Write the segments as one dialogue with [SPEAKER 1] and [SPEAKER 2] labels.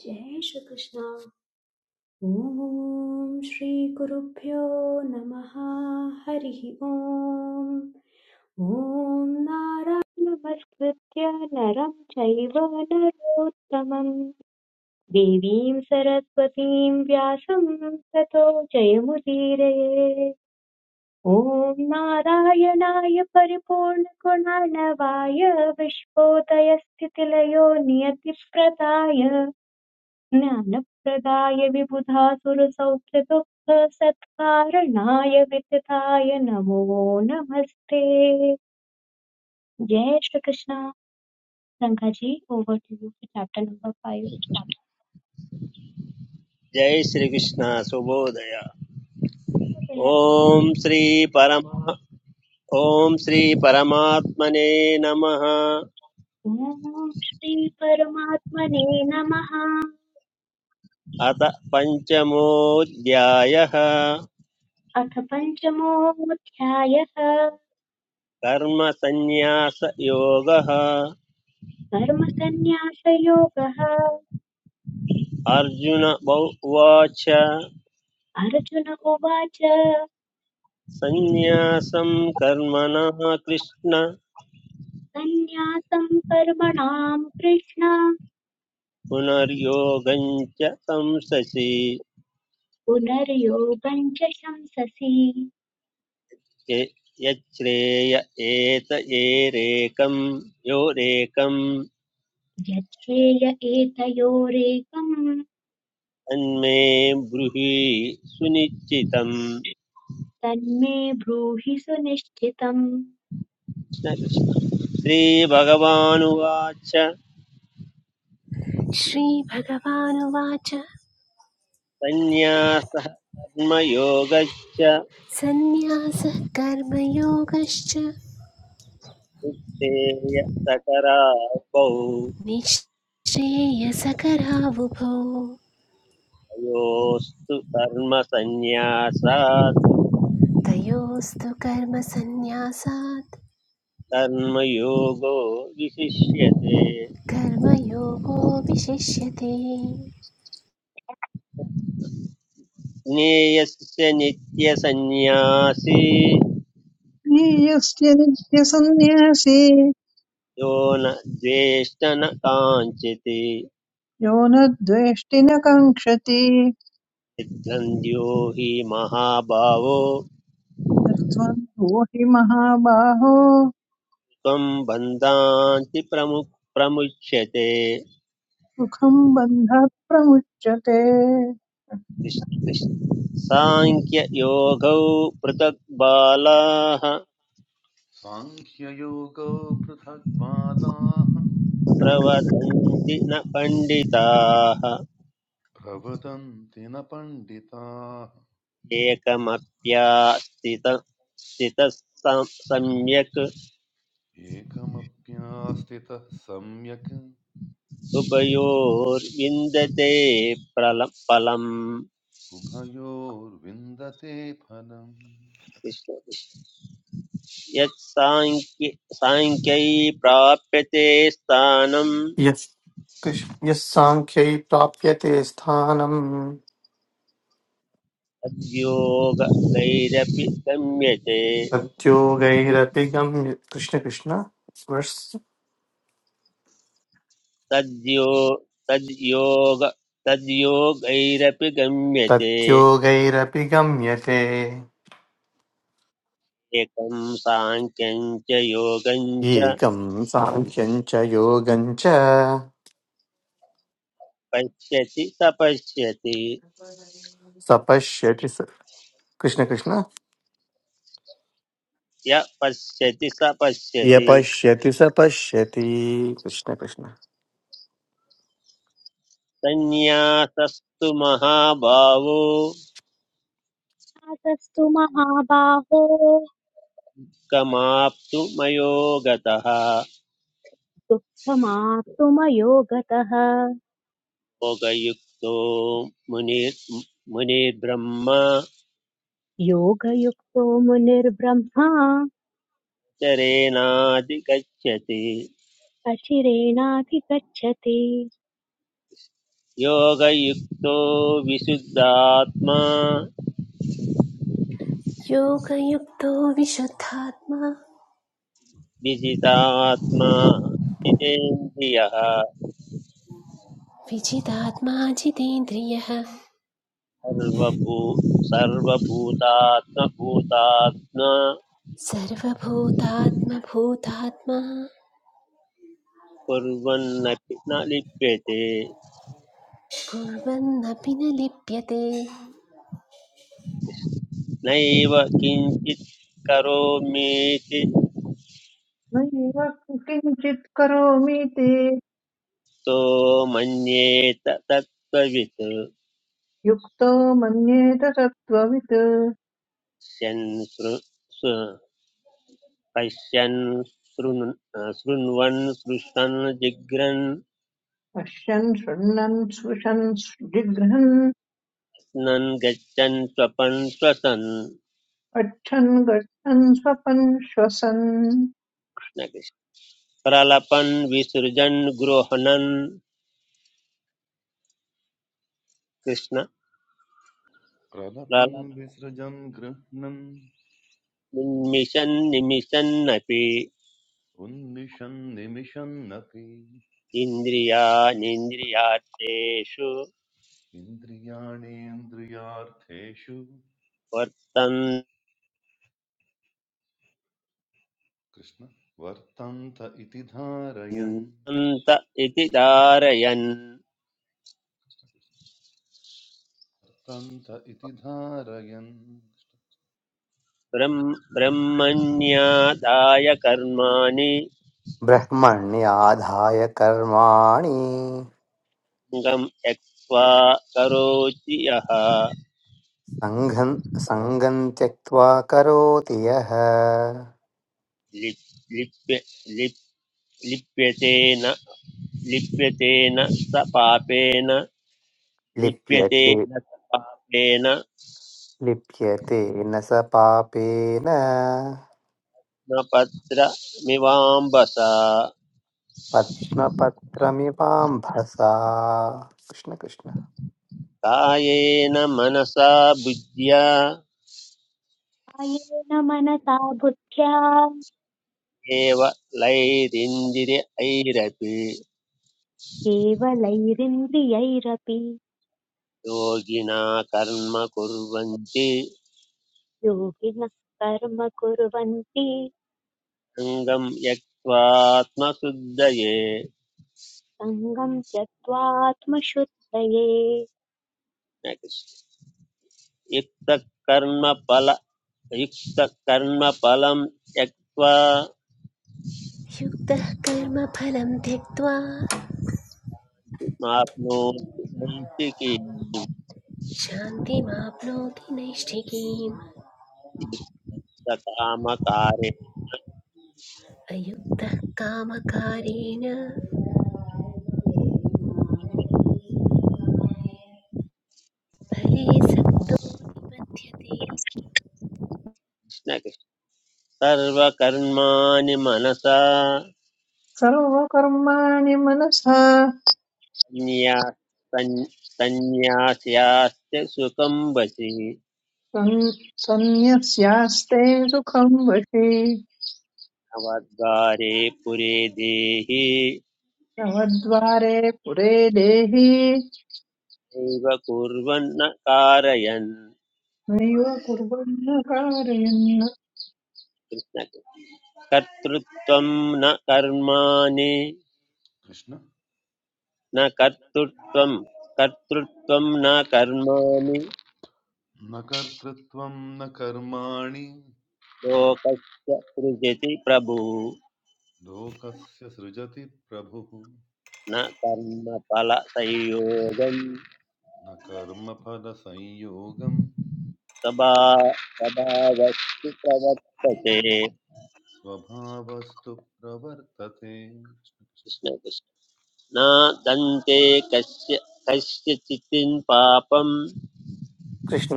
[SPEAKER 1] जय श्रीकृष्ण ॐ श्रीगुरुभ्यो नमः हरिः ओम् ॐ नारायण नमस्कृत्य नरं चैव नरोत्तमं देवीं सरस्वतीं व्यासं ततो जयमुदीरये ॐ नारायणाय परिपूर्णगुणार्णवाय विश्वोदयस्थितिलयो नियतिप्रदाय ज्ञानप्रदाय विबुधासुरसौख्यदुःखसत्कारणाय विदधाय नमो नमस्ते जय Shri Krishna Ranga ji over to you for chapter number five
[SPEAKER 2] जय श्रीकृष्ण सुबोधय ओम श्री परमा ॐ श्री परमात्मने नमः
[SPEAKER 1] ओम श्री परमात्मने नमः
[SPEAKER 2] अथ पञ्चमोऽध्यायः
[SPEAKER 1] अथ पञ्चमोऽध्यायः
[SPEAKER 2] कर्मसन्न्यासयोगः
[SPEAKER 1] कर्मसन्न्यासयोगः
[SPEAKER 2] अर्जुन बौ- उवाच
[SPEAKER 1] अर्जुन उवाच
[SPEAKER 2] सन्न्यासं कर्मणः कृष्ण
[SPEAKER 1] सन्न्यासं कर्मणां कृष्ण
[SPEAKER 2] पुनर्योगं च संससि
[SPEAKER 1] पुनर्योगं च
[SPEAKER 2] य- यच्छ्रेय एत एरेकं योरेकं
[SPEAKER 1] यच्छ्रेय एतयोरेकं
[SPEAKER 2] तन्मे ब्रूहि सुनिश्चितम्
[SPEAKER 1] तन्मे ब्रूहि सुनिश्चितम्
[SPEAKER 2] कृष्ण कृष्ण। श्रीभगवानुवाच
[SPEAKER 3] श्रीभगवानुवाच
[SPEAKER 2] सन्न्यासः कर्मयोगश्च
[SPEAKER 3] सन्न्यासः कर्मयोगश्च
[SPEAKER 2] मुक्तेय सकरापौ
[SPEAKER 3] निःश्रेयसकरावुभौ
[SPEAKER 2] तयोस्तु कर्मसन्न्यासात्
[SPEAKER 3] तयोस्तु कर्मसन्न्यासात्
[SPEAKER 2] कर्मयोगो विशिष्यते
[SPEAKER 3] कर्मयोगो विशिष्यते
[SPEAKER 2] ज्ञेयस्य नित्यसन्न्यासी
[SPEAKER 4] नीयस्य नित्यसन्न्यासी
[SPEAKER 2] यो न द्वेष्ट न
[SPEAKER 4] यो न द्वेष्टि न कङ्क्षति
[SPEAKER 2] सिद्धन्त्यो हि महाभावो
[SPEAKER 4] निर्द्वन्द्वो हि महाबाहो
[SPEAKER 2] त्वं बन्धान्ति प्रमु प्रमुच्यते
[SPEAKER 4] सुखम् बन्धात् प्रमुच्यते
[SPEAKER 2] कृष्ण- कृष्ण। साङ्ख्ययोगौ पृथक् बालाः
[SPEAKER 5] साङ्ख्ययोगो पृथग्वादाः
[SPEAKER 2] प्रवदन्ति न पण्डिताः
[SPEAKER 5] प्रवदन्ति न पण्डिताः
[SPEAKER 2] एकमप्यास्थित स्थितः सम्यक्
[SPEAKER 5] एकमप्यास्थितः सम्यक्
[SPEAKER 2] उभयोर्विन्दते फलम्
[SPEAKER 5] उभयोर्विन्दते फलम्
[SPEAKER 2] यत् साङ्ख्य प्राप्यते स्थानम्
[SPEAKER 6] यः कृष्- यः साङ्ख्यै प्राप्यते स्थानम्
[SPEAKER 2] तद्योगैरपि गम्यते
[SPEAKER 6] तद्योगैरपि गम्य कृष्णकृष्ण वर्ष
[SPEAKER 2] तद्यो तद्योग तद्योगैरपि गम्यते
[SPEAKER 6] तद्योगैरपि गम्यते
[SPEAKER 2] एकं साङ्ख्यं च योगं च
[SPEAKER 6] एकं साङ्ख्यं च योगं च
[SPEAKER 2] पश्यति तपश्यति
[SPEAKER 6] सपश्यति स कृष्णकृष्ण
[SPEAKER 2] य पश्यति स
[SPEAKER 6] यपश्यति स पश्यति कृष्णकृष्ण
[SPEAKER 2] संन्यासस्तु महाभावो
[SPEAKER 1] नातस्तु महाबाहो
[SPEAKER 2] गमाप्तु मयो गतः
[SPEAKER 1] दुःखमाप्तुमयो गतः
[SPEAKER 2] भोगयुक्तो मुनिर् मुनिर्ब्रह्मा
[SPEAKER 1] योगयुक्तो मुनिर्ब्रह्मा
[SPEAKER 2] चरेणाधिगच्छति
[SPEAKER 1] अचिरेणाधिगच्छति
[SPEAKER 2] योगयुक्तो विशुद्धात्मा
[SPEAKER 3] योगयुक्तो विशुद्धात्मा
[SPEAKER 2] विजितात्मा जितेन्द्रियः
[SPEAKER 3] विजितात्मा जितेन्द्रियः
[SPEAKER 2] सर्वभू सर्वभूतात्मभूतात्मा
[SPEAKER 3] सर्वभूतात्मभूतात्मा
[SPEAKER 2] कुर्वन्नपि न लिप्यते
[SPEAKER 3] कुर्वन्नपि न लिप्यते
[SPEAKER 2] नैव किञ्चित् करोमीति
[SPEAKER 4] नैव किञ्चित् करोमीति
[SPEAKER 2] तो मन्येत तत्त्ववित्
[SPEAKER 4] युक्तो मन्येत तत्त्ववित्
[SPEAKER 2] पश्यन् शृ शृ- पश्यन् शृण् शृण्वन् सृष्टन् जिघ्रन्
[SPEAKER 4] पश्यन् शृण्वन् स्पृशन् जिघ्रन्
[SPEAKER 2] नन् गच्छन् स्वपन् श्वसन् न
[SPEAKER 4] पच्छन् गच्छन् स्वपन् श्वसन्
[SPEAKER 2] कृष्ण। प्रलपन् विसृजन् गृह्णन् कृष्ण
[SPEAKER 5] प्रलभन् विसृजन् गृह्णन्
[SPEAKER 2] प्रलपन्मिषन् निमिषन्नपि
[SPEAKER 5] उन्मिषन् निमिषन्नपि
[SPEAKER 2] इन्द्रियानिन्द्रियार्थेषु
[SPEAKER 5] इन्द्रियाणेन्द्रियार्थेषु कृष्ण वर्तन्त इति धारयन्
[SPEAKER 2] वर्तन्त इति धारयन्
[SPEAKER 5] वर्तन्त इति धारयन्
[SPEAKER 2] ब्रह्म ब्रह्मण्यादाय कर्माणि
[SPEAKER 6] ब्रह्मण्याधाय कर्माणि
[SPEAKER 2] लिङ्गं त्यक्त्वा करोति यः
[SPEAKER 6] सङ्घं सङ्गं त्यक्त्वा करोति यः
[SPEAKER 2] लिप् लिप्य लिप् लिप्यते न लिप्यते न स पापेन लिप्यते
[SPEAKER 6] लिप्यते
[SPEAKER 2] न स पापेन न
[SPEAKER 6] लिप्यते न स पापेन
[SPEAKER 2] पत्रमिवाम्बसा
[SPEAKER 6] पद्मपत्रमिवाम्भसा कृष्ण कृष्ण
[SPEAKER 2] कायेन मनसा बुद्ध्या
[SPEAKER 1] कायेन मनसा बुद्ध्या
[SPEAKER 2] एव लैरिन्दिरैरपि
[SPEAKER 1] केवलैरिन्द्रियैरपि
[SPEAKER 2] योगिना कर्म कुर्वन्ति
[SPEAKER 1] योगिनः कर्म कुर्वन्ति
[SPEAKER 2] अङ्गं त्यक्त्वात्मशुद्धये
[SPEAKER 1] सङ्गम् त्यक्त्वात्मशुद्धये
[SPEAKER 2] युक्तकर्मफल युक्तकर्मफलं त्यक्त्वा
[SPEAKER 3] युक्तः कर्मफलं त्यक्त्वा
[SPEAKER 2] माप्नोति नैष्ठिकीं
[SPEAKER 3] शान्तिमाप्नोति नैष्ठिकीम्
[SPEAKER 2] कामकारे
[SPEAKER 3] अयुक्तः कामकारेण फले सक्तो निबध्यते
[SPEAKER 2] सर्वकर्माणि मनसा
[SPEAKER 4] सर्वकर्माणि मनसा
[SPEAKER 2] सन्न्या- सन्- सन्न्यास्यास्य सुखं वसि
[SPEAKER 4] सं- सन्न्यस्यास्ते सुखं वशे
[SPEAKER 2] नवद्वारे पुरे देहि
[SPEAKER 4] नवद्वारे पुरे देहि
[SPEAKER 2] नैव कुर्वन् न कारयन्
[SPEAKER 4] नैव कुर्वन्न कारयन्न
[SPEAKER 2] कृष्ण कर्तृत्वं न कर्माणि
[SPEAKER 5] कृष्ण
[SPEAKER 2] न कर्तृत्वं कर्तृत्वं न कर्माणि
[SPEAKER 5] न कर्तृत्वं न कर्माणि
[SPEAKER 2] लोकस्य सृजति प्रभु
[SPEAKER 5] लोकस्य सृजति प्रभुः
[SPEAKER 2] न कर्मफलसंयोगं
[SPEAKER 5] न कर्मफलसंयोगं
[SPEAKER 2] स्वभा स्वभावस्तु प्रवर्तते
[SPEAKER 5] स्वभावस्तु प्रवर्तते
[SPEAKER 2] कृष्ण कृष्ण। न दन्ते कस्य कस्यचित् पापं
[SPEAKER 6] कृष्ण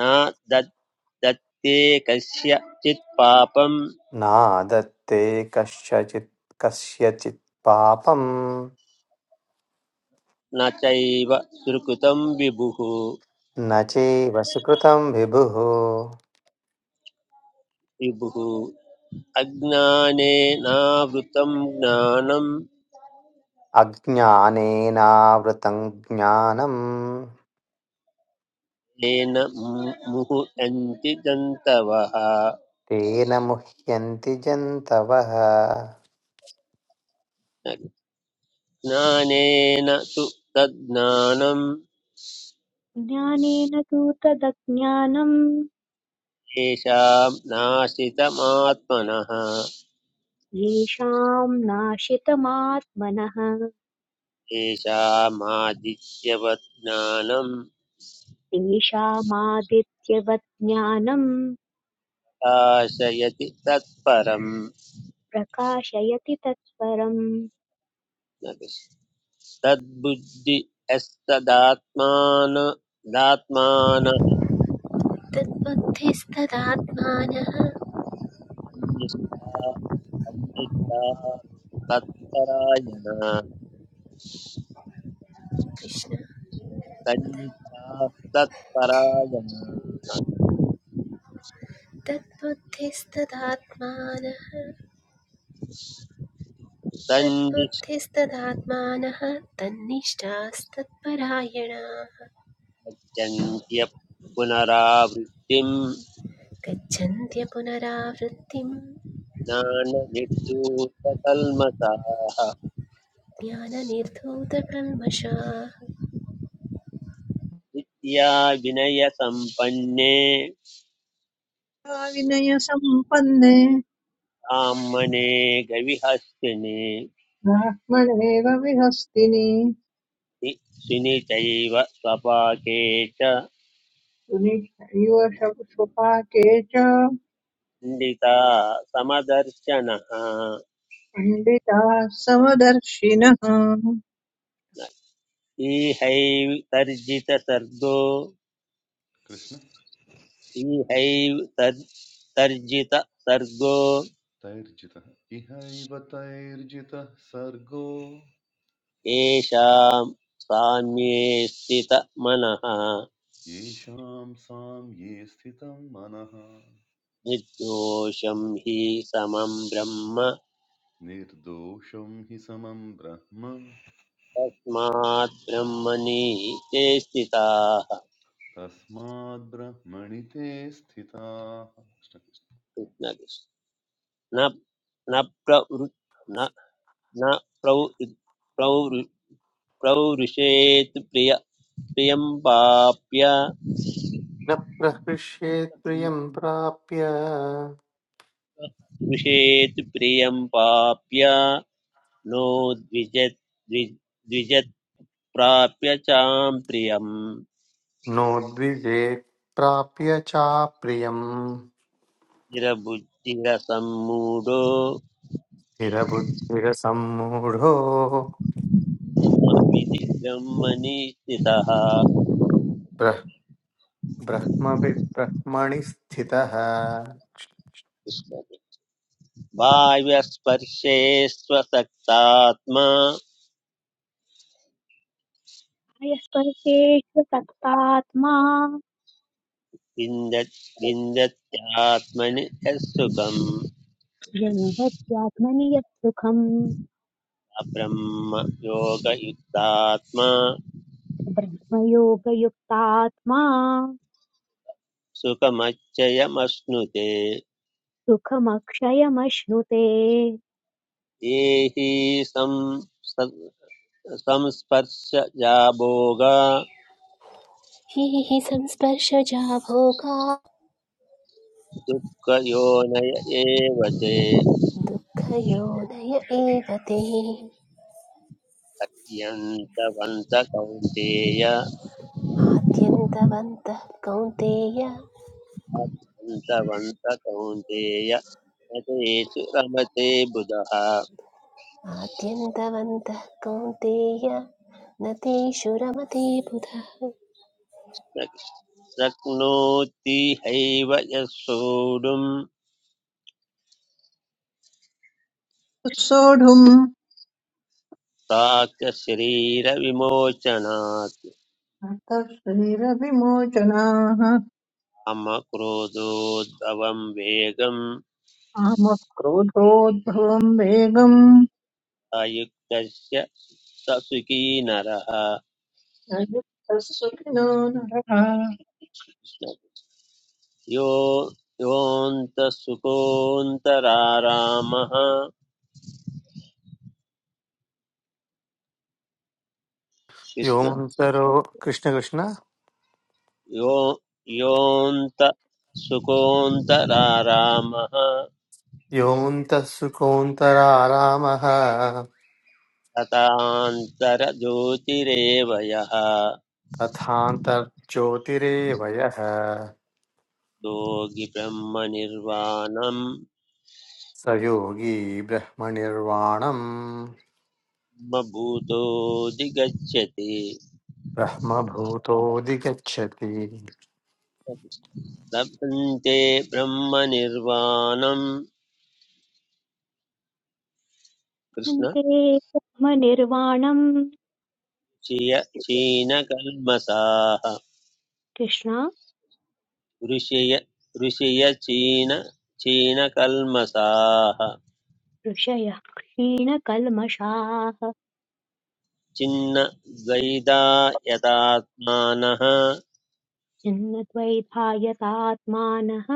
[SPEAKER 2] न दत् दत्ते कस्यचित् पापं
[SPEAKER 6] नादत्ते कस्यचित् कस्यचित् पापं
[SPEAKER 2] न चैव सुकृतं विभुः
[SPEAKER 6] न चैव सुकृतं विभुः
[SPEAKER 2] विभुः अज्ञानेनावृतं ज्ञानं
[SPEAKER 6] अज्ञानेनावृतं ज्ञानं
[SPEAKER 2] येन मु- मुह्यन्ति जन्तवः
[SPEAKER 6] तेन मुह्यन्ति जन्तवः
[SPEAKER 2] न ज्ञानेन तु तज्ज्ञानं
[SPEAKER 1] ज्ञानेन तु तदज्ञानम्
[SPEAKER 2] येषां नाशितमात्मनः
[SPEAKER 1] येषाम् नाशितमात्मनः
[SPEAKER 2] येषामादित्यवत् ज्ञानं
[SPEAKER 1] तेषामादित्यवत् ज्ञानम्
[SPEAKER 2] प्रकाशयति तत्परम्
[SPEAKER 1] प्रकाशयति तत्परम्
[SPEAKER 2] न कृष्ण- तद्बुद्धि यस्तदात्मान दात्मान
[SPEAKER 3] तद्बुद्धिस्तदात्मानः
[SPEAKER 2] तन्निच्छा तत्परायण
[SPEAKER 3] कृष्ण
[SPEAKER 2] तन्निच्छा तत्परायण
[SPEAKER 3] तद्बुद्धिस्तदात्मानः तद्बुद्धिस्तदात्मानः तन्निष्ठास्तत्परायणाः
[SPEAKER 2] तन्निष्पद्यन्त्य पुनरावृत्तिम्
[SPEAKER 3] गच्छन्त्य पुनरावृत्तिं
[SPEAKER 2] ज्ञाननिर्धूतकल्मषाः
[SPEAKER 3] ज्ञाननिर्धूतकल्मषाः
[SPEAKER 2] विद्या विनयसम्पन्ने
[SPEAKER 4] सा विनयसम्पन्ने
[SPEAKER 2] ब्राह्मणे गविहस्तिने
[SPEAKER 4] ब्राह्मणेव विहस्तिनि
[SPEAKER 2] नि- सुनितैव स्वपाके च
[SPEAKER 4] तुनिक्षैव शवशुपाके च
[SPEAKER 2] पण्डिता समदर्शनः
[SPEAKER 4] पण्डिताः समदर्शिनः
[SPEAKER 2] ईहैव तर्जितसर्गो
[SPEAKER 5] कृष्ण
[SPEAKER 2] श्रीहैव तर् तर्जित सर्गो
[SPEAKER 5] तैर्जितः इहैव तैर्जितः सर्गो
[SPEAKER 2] येषां साम्ये स्थितमनः
[SPEAKER 5] येषां सां ये स्थितं मनः
[SPEAKER 2] निर्दोषं हि समं ब्रह्म
[SPEAKER 5] निर्दोषं हि समं ब्रह्म
[SPEAKER 2] तस्मात् ब्रह्मणि ते स्थिताः
[SPEAKER 5] तस्माद्ब्रह्मणि ते स्थिताः
[SPEAKER 2] न न प्रवृ न न प्रौ प्रौरु प्रौरुषेत् प्रिय प्रियं पाप्य
[SPEAKER 6] न प्रहृष्येत् प्रियं प्राप्य
[SPEAKER 2] स्पृशेत् प्रियं पाप्य नो द्विजत् द्वि- द्विजत् प्राप्य चां प्रियम्
[SPEAKER 6] नोद्विजेत् प्राप्य चाप्रियम्
[SPEAKER 2] निरबुद्धिरसम्मूढो
[SPEAKER 6] स्थिरबुद्धिरसम्मूढो
[SPEAKER 2] मामिति ब्रह्मणि स्थितः
[SPEAKER 6] ब्रह् ब्रह्मविद् ब्रह्मणि स्थितः
[SPEAKER 1] भयस्पर्शेष्वसक्तात्मा
[SPEAKER 2] विन्दत् विन्दत्यात्मनि यः सुखम्
[SPEAKER 1] जन्मत्यात्मनि यत् सुखम्
[SPEAKER 2] अब्रह्म योगयुक्तात्मा
[SPEAKER 1] ब्रह्मयोगयुक्तात्मा
[SPEAKER 2] सुखमच्चयमश्नुते
[SPEAKER 1] सुखमक्षयमश्नुते
[SPEAKER 2] ये हि सं संस्पर्श जाभोग
[SPEAKER 3] ये हि संस्पर्शजा भोगा
[SPEAKER 2] दुःखयोनय एव ते
[SPEAKER 3] दुःखयोनय एव ते
[SPEAKER 2] अत्यन्तवन्त कौन्तेय
[SPEAKER 3] आद्यन्तवन्तः कौन्तेय
[SPEAKER 2] अत्यन्तवन्त कौन्तेय न तेषु रमते बुधः
[SPEAKER 3] आद्यन्तवन्तः कौन्तेय न तेषु रमते बुधः
[SPEAKER 2] न शक्नोति हैव यः सोढुम्
[SPEAKER 4] सोढुम्
[SPEAKER 2] प्राक्शरीरविमोचनात्
[SPEAKER 4] अर्थशरीरविमोचनाः
[SPEAKER 2] कामक्रोधोद्भवं वेगं
[SPEAKER 4] कामक्रोधोद्भवम् वेगम्
[SPEAKER 2] अयुक्तस्य स सुखी नरः
[SPEAKER 4] न युक्तः सुखिनो नरः
[SPEAKER 2] यो योऽन्तसुकोऽन्तरारामः कृष्ण
[SPEAKER 6] योऽन्तरो कृष्णकृष्ण
[SPEAKER 2] यो योऽन्त सुकोऽन्तरारामः
[SPEAKER 6] योऽन्तः सुकोऽन्तरारामः
[SPEAKER 2] तथान्तरज्योतिरेव यः
[SPEAKER 6] तथान्तर्ज्योतिरेव यः
[SPEAKER 2] योगि ब्रह्मनिर्वाणं
[SPEAKER 6] स योगी ब्रह्मनिर्वाणम्
[SPEAKER 2] ब्रह्मभूतोऽधिगच्छति
[SPEAKER 6] ब्रह्मभूतोऽधिगच्छति
[SPEAKER 2] लभन्ते ब्रह्मनिर्वाणं कृष्ण
[SPEAKER 1] अन्ते ब्रह्मनिर्वाणम्
[SPEAKER 2] क्षीय क्षीणकल्मषाः
[SPEAKER 1] कृष्णा
[SPEAKER 2] ऋषय ऋषय चीन चीनकल्मषाः
[SPEAKER 1] ऋषयः क्षीणकल्मषाः
[SPEAKER 2] छिन्न द्वैधा यदात्मानः
[SPEAKER 1] छिन्नद्वैधायतात्मानः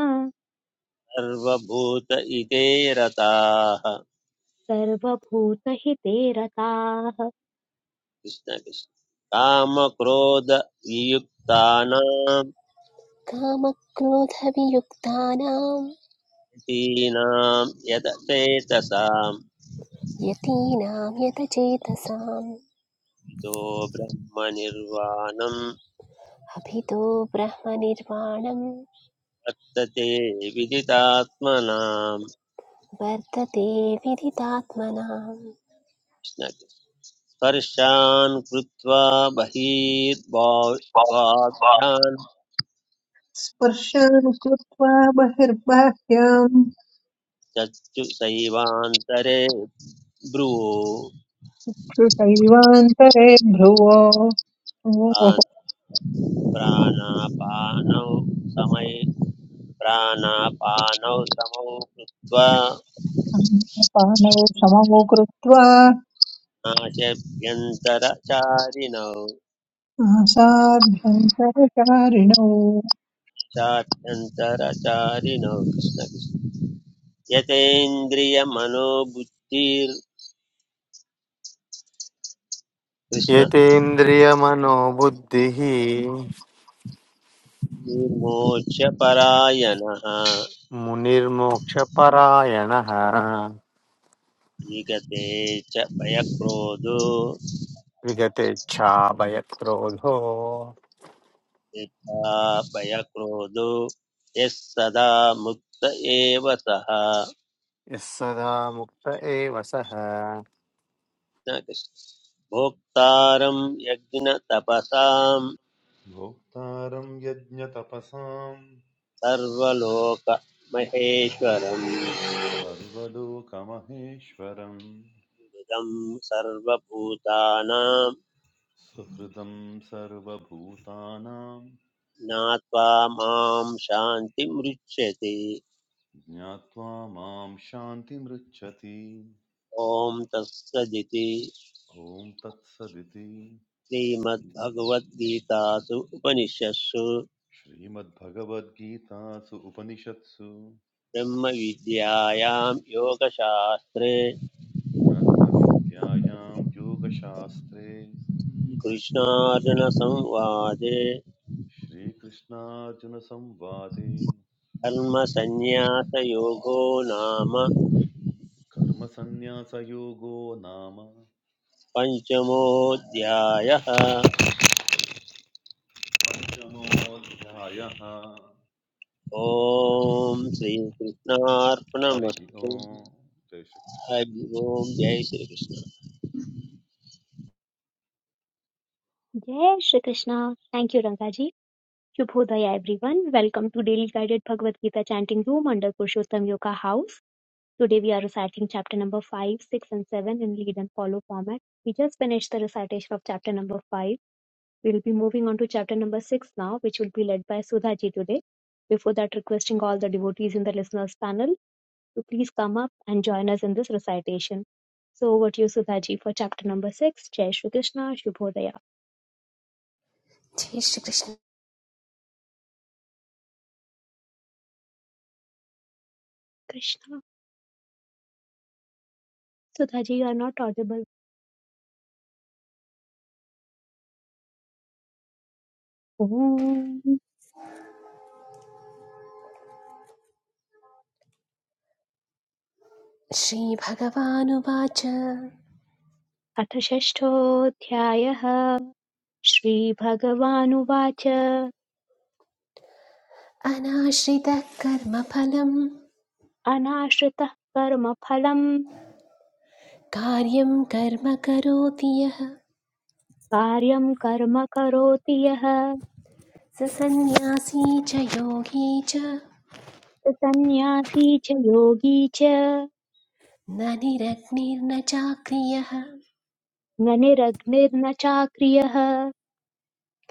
[SPEAKER 2] सर्वभूत इते रताः
[SPEAKER 1] सर्वभूतहिते रताः
[SPEAKER 2] कृष्ण कृष्ण कामक्रोध वियुक्तानां
[SPEAKER 3] कामक्रोधवियुक्तानां
[SPEAKER 2] तीनां यद चेतसां
[SPEAKER 3] यतीनां यतचेतसाम्
[SPEAKER 2] तो ब्रह्मनिर्वाणं
[SPEAKER 3] अभितो ब्रह्मनिर्वाणं
[SPEAKER 2] वर्तते विदितात्मनां
[SPEAKER 3] वर्तते विदितात्मनाम्
[SPEAKER 2] कृष्ण स्पर्शान् कृत्वा बहिर्वाभ्यान्
[SPEAKER 4] स्पर्शान् कृत्वा बहिर्बाह्याम्
[SPEAKER 2] चक्षुषैवान्तरे ब्रुवान्
[SPEAKER 4] श्रुतैवान्तरे भ्रुवो
[SPEAKER 2] प्राणापानौ समय प्राणापानौ समौ कृत्वा
[SPEAKER 4] पानौ समौ कृत्वा
[SPEAKER 2] नाशभ्यन्तरचारिणौ
[SPEAKER 4] आसाभ्यन्तरचारिणौ
[SPEAKER 2] चाभ्यन्तरचारिणौ कृष्णकृष्ण यतेन्द्रियमनोबुद्धिर्कृष्णमोक्षपरायणः
[SPEAKER 6] यतेन्द्रियमनोबुद्धिः मुनिर्मोक्षपरायणः
[SPEAKER 2] जीगते च भयक्रोधो
[SPEAKER 6] विगतेच्छाभयक्रोधो
[SPEAKER 2] यथा भयक्रोधो यः सदा मुक्त एव सः
[SPEAKER 6] यः सदा मुक्त एव सः
[SPEAKER 2] न कृष्ण। भोक्तारं यज्ञतपसां
[SPEAKER 5] भोक्तारं यज्ञतपसां
[SPEAKER 2] सर्वलोकमहेश्वरं
[SPEAKER 5] सर्वलोकमहेश्वरम्
[SPEAKER 2] इदं सर्वभूतानां
[SPEAKER 5] सुहृदं सर्वभूतानां
[SPEAKER 2] ज्ञात्वा मां शान्तिमृच्छति
[SPEAKER 5] ज्ञात्वा मां शान्तिमृच्छति
[SPEAKER 2] ॐ तत्सदिति
[SPEAKER 5] ॐ तत्सदिति
[SPEAKER 2] श्रीमद्भगवद्गीतासु उपनिषत्सु
[SPEAKER 5] श्रीमद्भगवद्गीतासु उपनिषत्सु
[SPEAKER 2] ब्रह्मविद्यायां योगशास्त्रे
[SPEAKER 5] ब्रह्मविद्यायां योगशास्त्रे
[SPEAKER 2] कृष्णार्जुनसंवादे
[SPEAKER 5] श्रीकृष्णार्जुनसंवादे
[SPEAKER 2] कर्मसन्न्यासयोगो नाम
[SPEAKER 5] कर्मसन्न्यासयोगो नाम
[SPEAKER 2] पञ्चमोऽध्यायः
[SPEAKER 5] पञ्चमोऽध्यायः
[SPEAKER 2] ॐ
[SPEAKER 5] हरिः
[SPEAKER 2] श्रीकृष्णार्पणमस्तु
[SPEAKER 5] ओम् जय श्रीकृष्ण
[SPEAKER 2] हरि ओम् जय श्रीकृष्ण
[SPEAKER 1] जय Shri Krishna thank you Rangaji Shubhodaya everyone. Welcome to Daily Guided Bhagavad Gita Chanting Room under Purushottam Yoga House. Today we are reciting chapter number 5, 6 and 7 in lead and follow format. We just finished the recitation of chapter number 5. We'll be moving on to chapter number six now, which will be led by Sudha ji today. Before that, requesting all the devotees in the listeners panel to please come up and join us in this recitation. So over to you, Sudha ji, for chapter number six. Jai Shri Krishna, Shubhodaya.
[SPEAKER 3] जय Shri Krishna
[SPEAKER 1] Krishna, Sudha ji, you are not audible. Om
[SPEAKER 3] श्रीभगवानुवाच
[SPEAKER 1] अथ षष्ठोऽध्यायः श्रीभगवानुवाच
[SPEAKER 3] अनाश्रितः कर्मफलं
[SPEAKER 1] अनाश्रितः कर्मफलम्
[SPEAKER 3] कार्यं कर्म करोति यः
[SPEAKER 1] कार्यं कर्म करोति यः
[SPEAKER 3] स सन्न्यासी च योगी च
[SPEAKER 1] सन्न्यासी च योगी च
[SPEAKER 3] न निरग्निर्न चाक्रियः
[SPEAKER 1] न निरग्निर्न चाक्रियः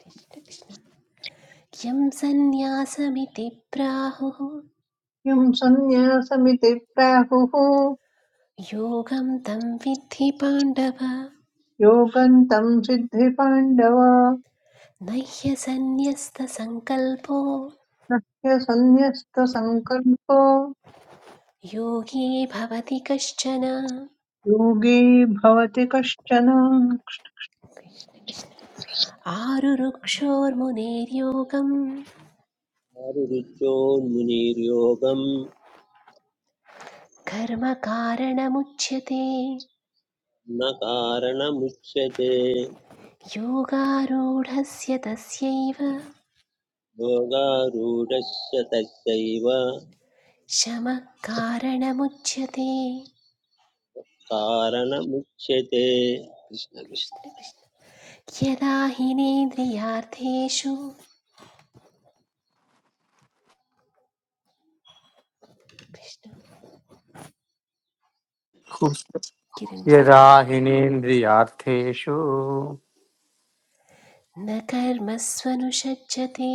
[SPEAKER 3] कृष्ण कृष्ण। यं सन्न्यासमिति प्राहुः
[SPEAKER 4] यं सन्न्यासमिति प्राहुः
[SPEAKER 3] योगं तं विद्धि पाण्डव
[SPEAKER 4] योगन्तं सिद्धिपाण्डव
[SPEAKER 3] न ह्यसन्न्यस्तसङ्कल्पो
[SPEAKER 4] न ह्यसन्न्यस्तसङ्कल्पो
[SPEAKER 3] योगी भवति कश्चन
[SPEAKER 4] योगी भवति कश्चन
[SPEAKER 3] कृष्ण कृष्ण। आरुरुक्षोर्मुनेर्योगम्
[SPEAKER 2] चारुरुचोन्मुनिर्योगं
[SPEAKER 3] कर्मकारणमुच्यते
[SPEAKER 2] न कारणमुच्यते
[SPEAKER 3] योगारूढस्य तस्यैव
[SPEAKER 2] योगारूढस्य तस्यैव
[SPEAKER 3] शमः कारणमुच्यते
[SPEAKER 2] कारणमुच्यते कृष्ण कृष्ण।
[SPEAKER 3] कृष्ण कृष्ण यदा हिनेन्द्रियार्थेषु कृष्ण किरञ्जी
[SPEAKER 6] यदा हिनेन्द्रियार्थेषु
[SPEAKER 3] न कर्मस्वनुषज्यते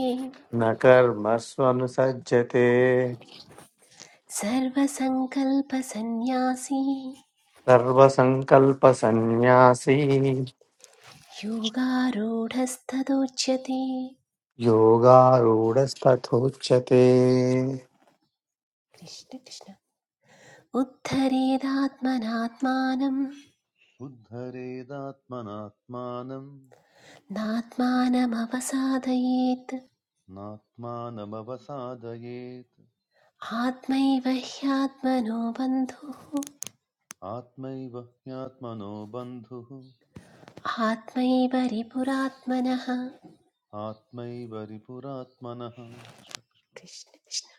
[SPEAKER 6] न कर्मस्वनुसज्जते
[SPEAKER 3] सर्वसङ्कल्पसन्न्यासी
[SPEAKER 6] सर्वसङ्कल्पसन्न्यासी
[SPEAKER 3] योगारूढस्तदोच्यते
[SPEAKER 6] योगारूढस्तथोच्यते
[SPEAKER 3] कृष्ण कृष्ण उद्धरेदात्मनात्मानं
[SPEAKER 5] उद्धरेदात्मनात्मानम्
[SPEAKER 3] नात्मानमवसादयेत्
[SPEAKER 5] नात्मानमवसादयेत्
[SPEAKER 3] आत्मैव ह्यात्मनो बन्धुः
[SPEAKER 5] आत्मैव ह्यात्मनो बन्धुः
[SPEAKER 3] आत्मैव रिपुरात्मनः
[SPEAKER 5] आत्मैव रिपुरात्मनः
[SPEAKER 3] कृष्ण कृष्ण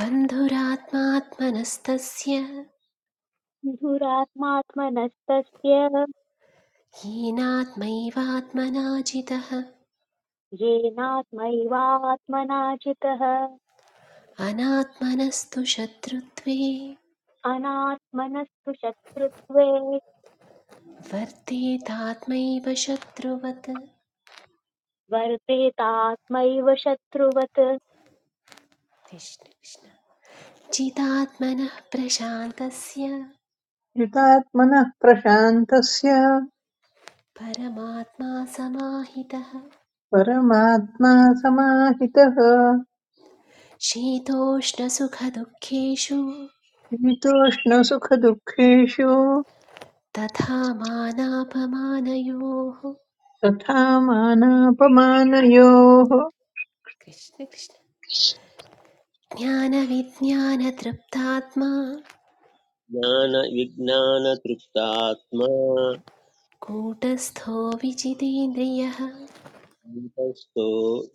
[SPEAKER 3] बन्धुरात्मात्मनस्तस्य
[SPEAKER 1] धुरात्मात्मनस्तस्य
[SPEAKER 3] हीनात्मैवात्मनाजितः
[SPEAKER 1] येनात्मैवात्मनाजितः
[SPEAKER 3] अनात्मनस्तु शत्रुत्वे
[SPEAKER 1] अनात्मनस्तु शत्रुत्वे
[SPEAKER 3] वर्तेतात्मैव शत्रुवत्
[SPEAKER 1] वर्तेतात्मैव शत्रुवत्
[SPEAKER 3] कृष्ण कृष्ण चिदात्मनः प्रशान्तस्य
[SPEAKER 4] युतात्मनः प्रशान्तस्य
[SPEAKER 3] परमात्मा समाहितः
[SPEAKER 4] परमात्मा समाहितः
[SPEAKER 3] शीतोष्णसुखदुःखेषु
[SPEAKER 4] शीतोष्णसुखदुःखेषु
[SPEAKER 3] तथा मानापमानयोः
[SPEAKER 4] तथा मानापमानयोः
[SPEAKER 3] कृष्ण कृष्ण ज्ञानविज्ञानतृप्तात्मा
[SPEAKER 2] ज्ञानविज्ञानतृप्तात्मा
[SPEAKER 3] कूटस्थो विजितेन्द्रियः
[SPEAKER 2] तपस्तो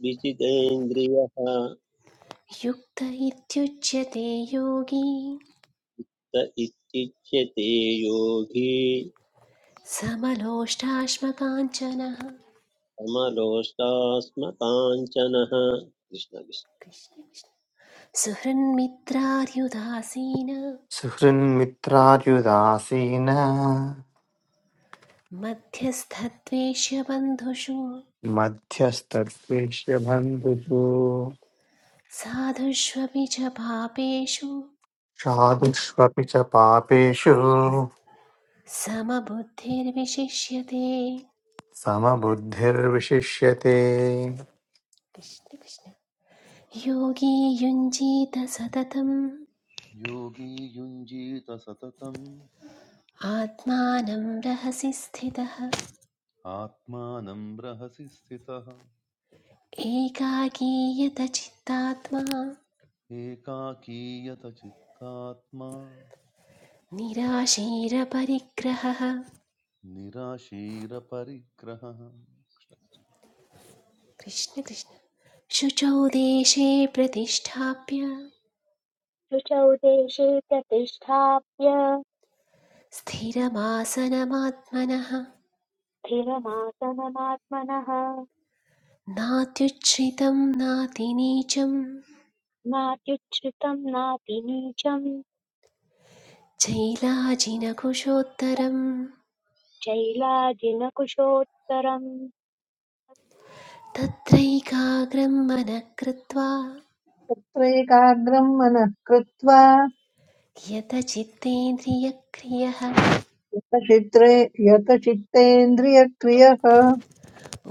[SPEAKER 2] विजितेन्द्रियः
[SPEAKER 3] युक्त इत्युच्यते योगी
[SPEAKER 2] स इत्युच्यते योगी
[SPEAKER 3] समलोष्टाश्मकाञ्चनः
[SPEAKER 2] समलोष्टास्मकाञ्चनः कृष्ण कृष्ण।
[SPEAKER 3] कृष्ण कृष्ण। सुहृन्मित्रार्युदासीन
[SPEAKER 6] सुहृन्मित्रार्युदासीन
[SPEAKER 3] मध्यस्थद्वेष्यबन्धुषु
[SPEAKER 6] मध्यस्तद्वेष्यबन्धुषु
[SPEAKER 3] साधुष्वपि च पापेषु
[SPEAKER 6] साधुष्वपि च पापेषु
[SPEAKER 3] समबुद्धिर्विशिष्यते
[SPEAKER 6] समबुद्धिर्विशिष्यते
[SPEAKER 3] कृष्ण कृष्ण योगी युञ्जीत सततम्
[SPEAKER 5] योगी युञ्जीत सततम्
[SPEAKER 3] आत्मानं रहसि स्थितः
[SPEAKER 5] आत्मानं रहसि स्थितः
[SPEAKER 3] एकाकीयत चित्तात्मा
[SPEAKER 5] एकाकीयत चित्तात्मा
[SPEAKER 3] निराशीरपरिग्रहः
[SPEAKER 5] निराशीरपरिग्रहः
[SPEAKER 3] कृष्ण कृष्ण शुचौ देशे प्रतिष्ठाप्य
[SPEAKER 1] शुचौ देशे प्रतिष्ठाप्य
[SPEAKER 3] स्थिरमासनमात्मनः
[SPEAKER 1] स्थिरमासनमात्मनः
[SPEAKER 3] नात्युच्छ्रितं नातिनीचं
[SPEAKER 1] नात्युच्छ्रितम् नातिनीचम्
[SPEAKER 3] जैलाजिनकुशोत्तरम्
[SPEAKER 1] चैलाजिनकुशोत्तरम्
[SPEAKER 3] तत्रैकाग्रं मनः कृत्वा
[SPEAKER 4] तत्रैकाग्रं मनः कृत्वा
[SPEAKER 3] यतचित्तेन्द्रियक्रियः
[SPEAKER 4] यतचित्रे यतचित्तेन्द्रियक्रियः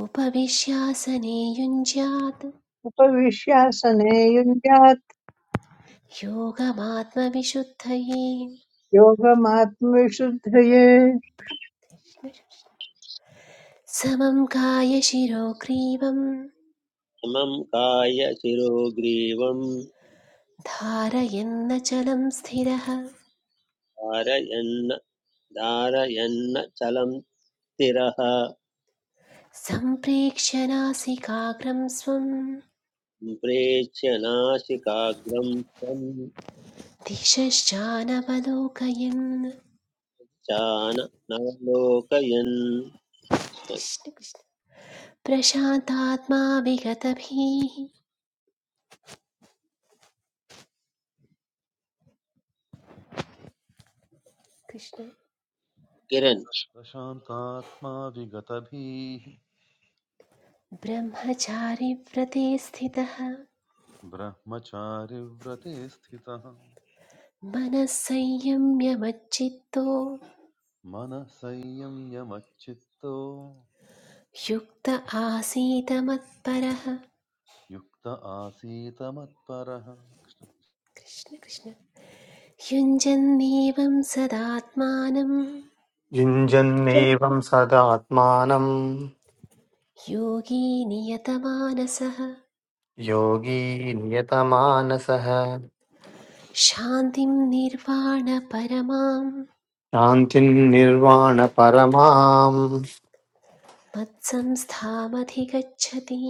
[SPEAKER 3] उपविश्यासने युञ्ज्यात्
[SPEAKER 4] उपविश्यासने युञ्जात्
[SPEAKER 3] योगमात्मविशुद्धये
[SPEAKER 4] योगमात्मविशुद्धये
[SPEAKER 3] समं कायशिरो ग्रीवं
[SPEAKER 2] समं काय शिरोग्रीवं
[SPEAKER 3] धारयन्नचलं स्थिरः
[SPEAKER 2] धारयन्न धारयन्न चलं स्थिरः
[SPEAKER 3] सम्प्रेक्षनासिकाग्रं स्वं
[SPEAKER 2] प्रेक्ष्य नाशिकाग्रं त्वं
[SPEAKER 3] दिशश्चानवलोकयन्
[SPEAKER 2] चान नालोकयन् कृष्ण
[SPEAKER 3] कृष्ण कृष्ण प्रशान्तात्मा विगतभिः कृष्ण
[SPEAKER 2] किरन्
[SPEAKER 5] प्रशान्तात्मा विगतभीः
[SPEAKER 3] ब्रह्मचारिव्रते स्थितः
[SPEAKER 5] ब्रह्मचारिव्रते स्थितः
[SPEAKER 3] मनः संयम्यमच्चित्तो
[SPEAKER 5] मनः संयम्य मच्चित्तो
[SPEAKER 3] युक्त आसीत मत्परः
[SPEAKER 5] युक्त आसीत मत्परः
[SPEAKER 3] कृष्ण कृष्ण युञ्जन्नेवं सदात्मानं
[SPEAKER 6] युञ्जन्नेवं सदात्मानं
[SPEAKER 3] योगी नियतमानसः
[SPEAKER 6] योगी नियतमानसः
[SPEAKER 3] शान्तिं निर्वाणपरमां
[SPEAKER 6] शान्तिर्निर्वाणपरमां
[SPEAKER 3] मत्संस्थामधिगच्छति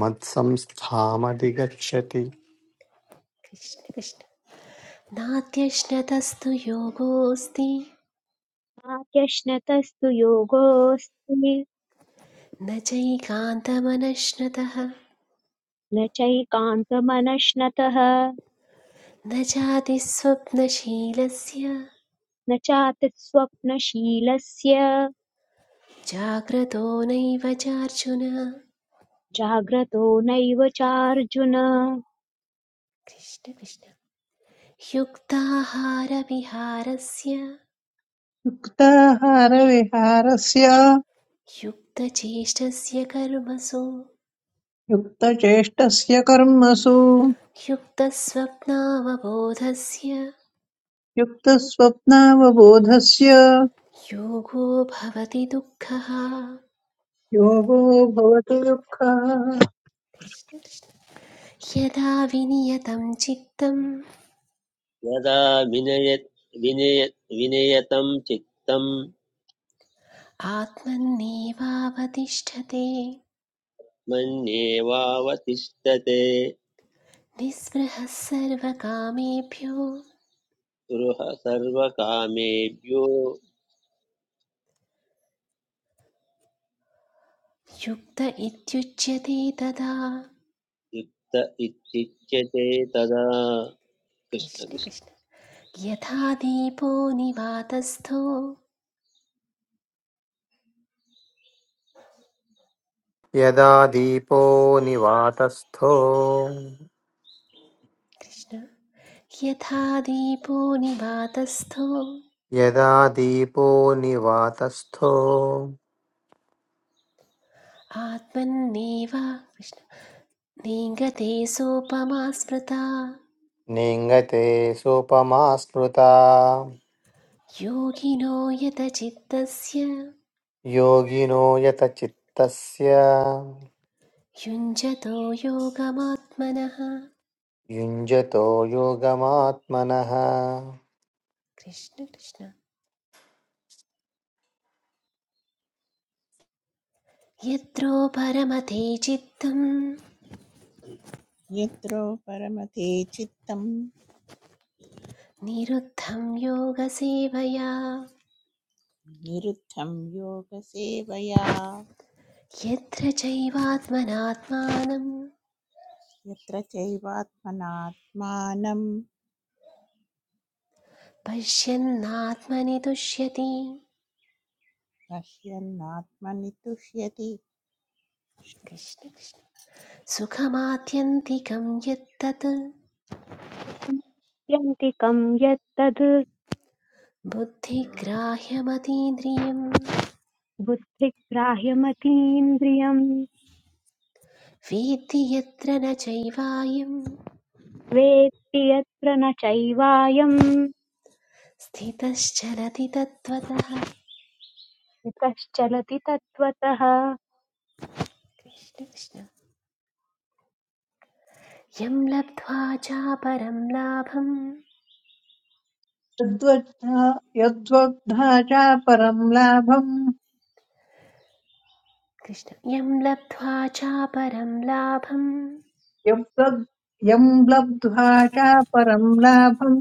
[SPEAKER 6] मत्संस्थामधिगच्छति
[SPEAKER 3] कृष्ण कृष्ण नात्यश्नतस्तु योगोऽस्ति
[SPEAKER 1] वाक्यश्नतस्तु योगोऽस्ति
[SPEAKER 3] न चैकान्तमनश्नतः
[SPEAKER 1] न चैकान्तमनश्नतः
[SPEAKER 3] न जाति स्वप्नशीलस्य
[SPEAKER 1] न चातिस्वप्नशीलस्य
[SPEAKER 3] जाग्रतो नैव चार्जुन
[SPEAKER 1] जाग्रतो नैव चार्जुन
[SPEAKER 3] कृष्ण कृष्ण युक्ताहारविहारस्य
[SPEAKER 4] युक्ताहारविहारस्य
[SPEAKER 3] युक्तचेष्टस्य कर्मसु
[SPEAKER 4] युक्तचेष्टस्य कर्मसु
[SPEAKER 3] युक्तस्वप्नावबोधस्य
[SPEAKER 4] युक्तस्वप्नावबोधस्य
[SPEAKER 3] योगो भवति दुःखः
[SPEAKER 4] योगो भवति दुःखः
[SPEAKER 3] कृष्ण कृष्ण यदा विनियतं चित्तम्
[SPEAKER 2] यदा विनयत् विनय विनयतं चित्तं
[SPEAKER 3] आत्मन्नेवावतिष्ठते
[SPEAKER 2] मन्येवावतिष्ठते
[SPEAKER 3] निःस्पृहः सर्वकामेभ्यो
[SPEAKER 2] गृह सर्वकामेभ्यो
[SPEAKER 3] युक्त इत्युच्यते तदा
[SPEAKER 2] युक्त इत्युच्यते तदा
[SPEAKER 3] कृष्ण
[SPEAKER 2] कृष्णकृष्ण
[SPEAKER 3] कृष्ण यथा दीपो निवातस्थो
[SPEAKER 6] यदा दीपो निवातस्थो
[SPEAKER 3] कृष्ण यथा दीपो निवातस्थो
[SPEAKER 6] यदा दीपो निवातस्थो
[SPEAKER 3] आत्मन्नेव कृष्ण नेङ्गते सोपमा स्मृता
[SPEAKER 6] नेङ्गते सोपमा स्मृता
[SPEAKER 3] योगिनो यतचित्तस्य
[SPEAKER 6] योगिनो यतचित्तस्य
[SPEAKER 3] युञ्जतो योगमात्मनः
[SPEAKER 6] युञ्जतो योगमात्मनः
[SPEAKER 3] कृष्ण कृष्ण यत्रो परमते चित्तं
[SPEAKER 7] यत्र परमते चित्तं
[SPEAKER 3] निरुद्धं योगसेवया
[SPEAKER 7] निरुद्धं योगसेवया
[SPEAKER 3] यत्र चैवात्मनात्मानं
[SPEAKER 7] यत्र चैवात्मनात्मानं
[SPEAKER 3] पश्यन्नात्मनि तुष्यति
[SPEAKER 7] पश्यन्नात्मनि तुष्यति
[SPEAKER 3] कृष्ण कृष्ण सुखमात्यन्तिकं यत्तत्
[SPEAKER 1] यन्तिकम् यत्तद्
[SPEAKER 3] बुद्धिग्राह्यमतीन्द्रियं
[SPEAKER 1] बुद्धिग्राह्यमतीन्द्रियम्
[SPEAKER 3] वेत्ति यत्र न चैवायं
[SPEAKER 1] वेत्ति यत्र न चैवायम्
[SPEAKER 3] स्थितश्चरति तत्त्वतः
[SPEAKER 1] यतश्चलति तत्त्वतः
[SPEAKER 3] कृष्ण कृष्ण यं लब्ध्वा चापरं लाभं
[SPEAKER 4] यद्वद्धा यद्वद्धा च परं लाभं
[SPEAKER 3] कृष्ण यं लब्ध्वा चापरं लाभं
[SPEAKER 4] यद्वद् यं लब्ध्वा च परं लाभं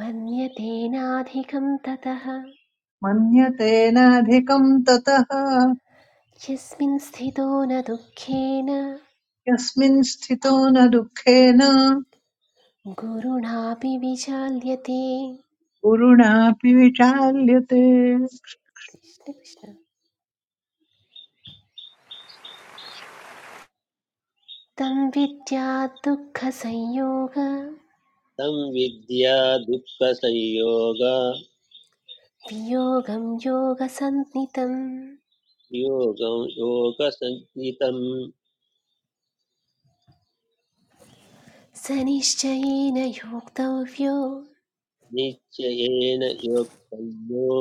[SPEAKER 3] मन्यतेनाधिकं ततः
[SPEAKER 4] मन्यते नाधिकं ततः
[SPEAKER 3] यस्मिन् स्थितो न दुःखेन
[SPEAKER 4] यस्मिन् स्थितो न दुःखेन
[SPEAKER 3] गुरुणापि विचाल्यते
[SPEAKER 4] गुरुणापि विचाल्यते
[SPEAKER 3] कृष्ण कृष्ण तं विद्या दुःखसंयोग
[SPEAKER 2] तं विद्या दुःखसंयोग
[SPEAKER 3] वियोगं योगसन्नितं
[SPEAKER 2] योगं योगसञ्ज्ञितं
[SPEAKER 3] स निश्चयेन योक्तव्यो
[SPEAKER 2] निश्चयेन योक्तव्यो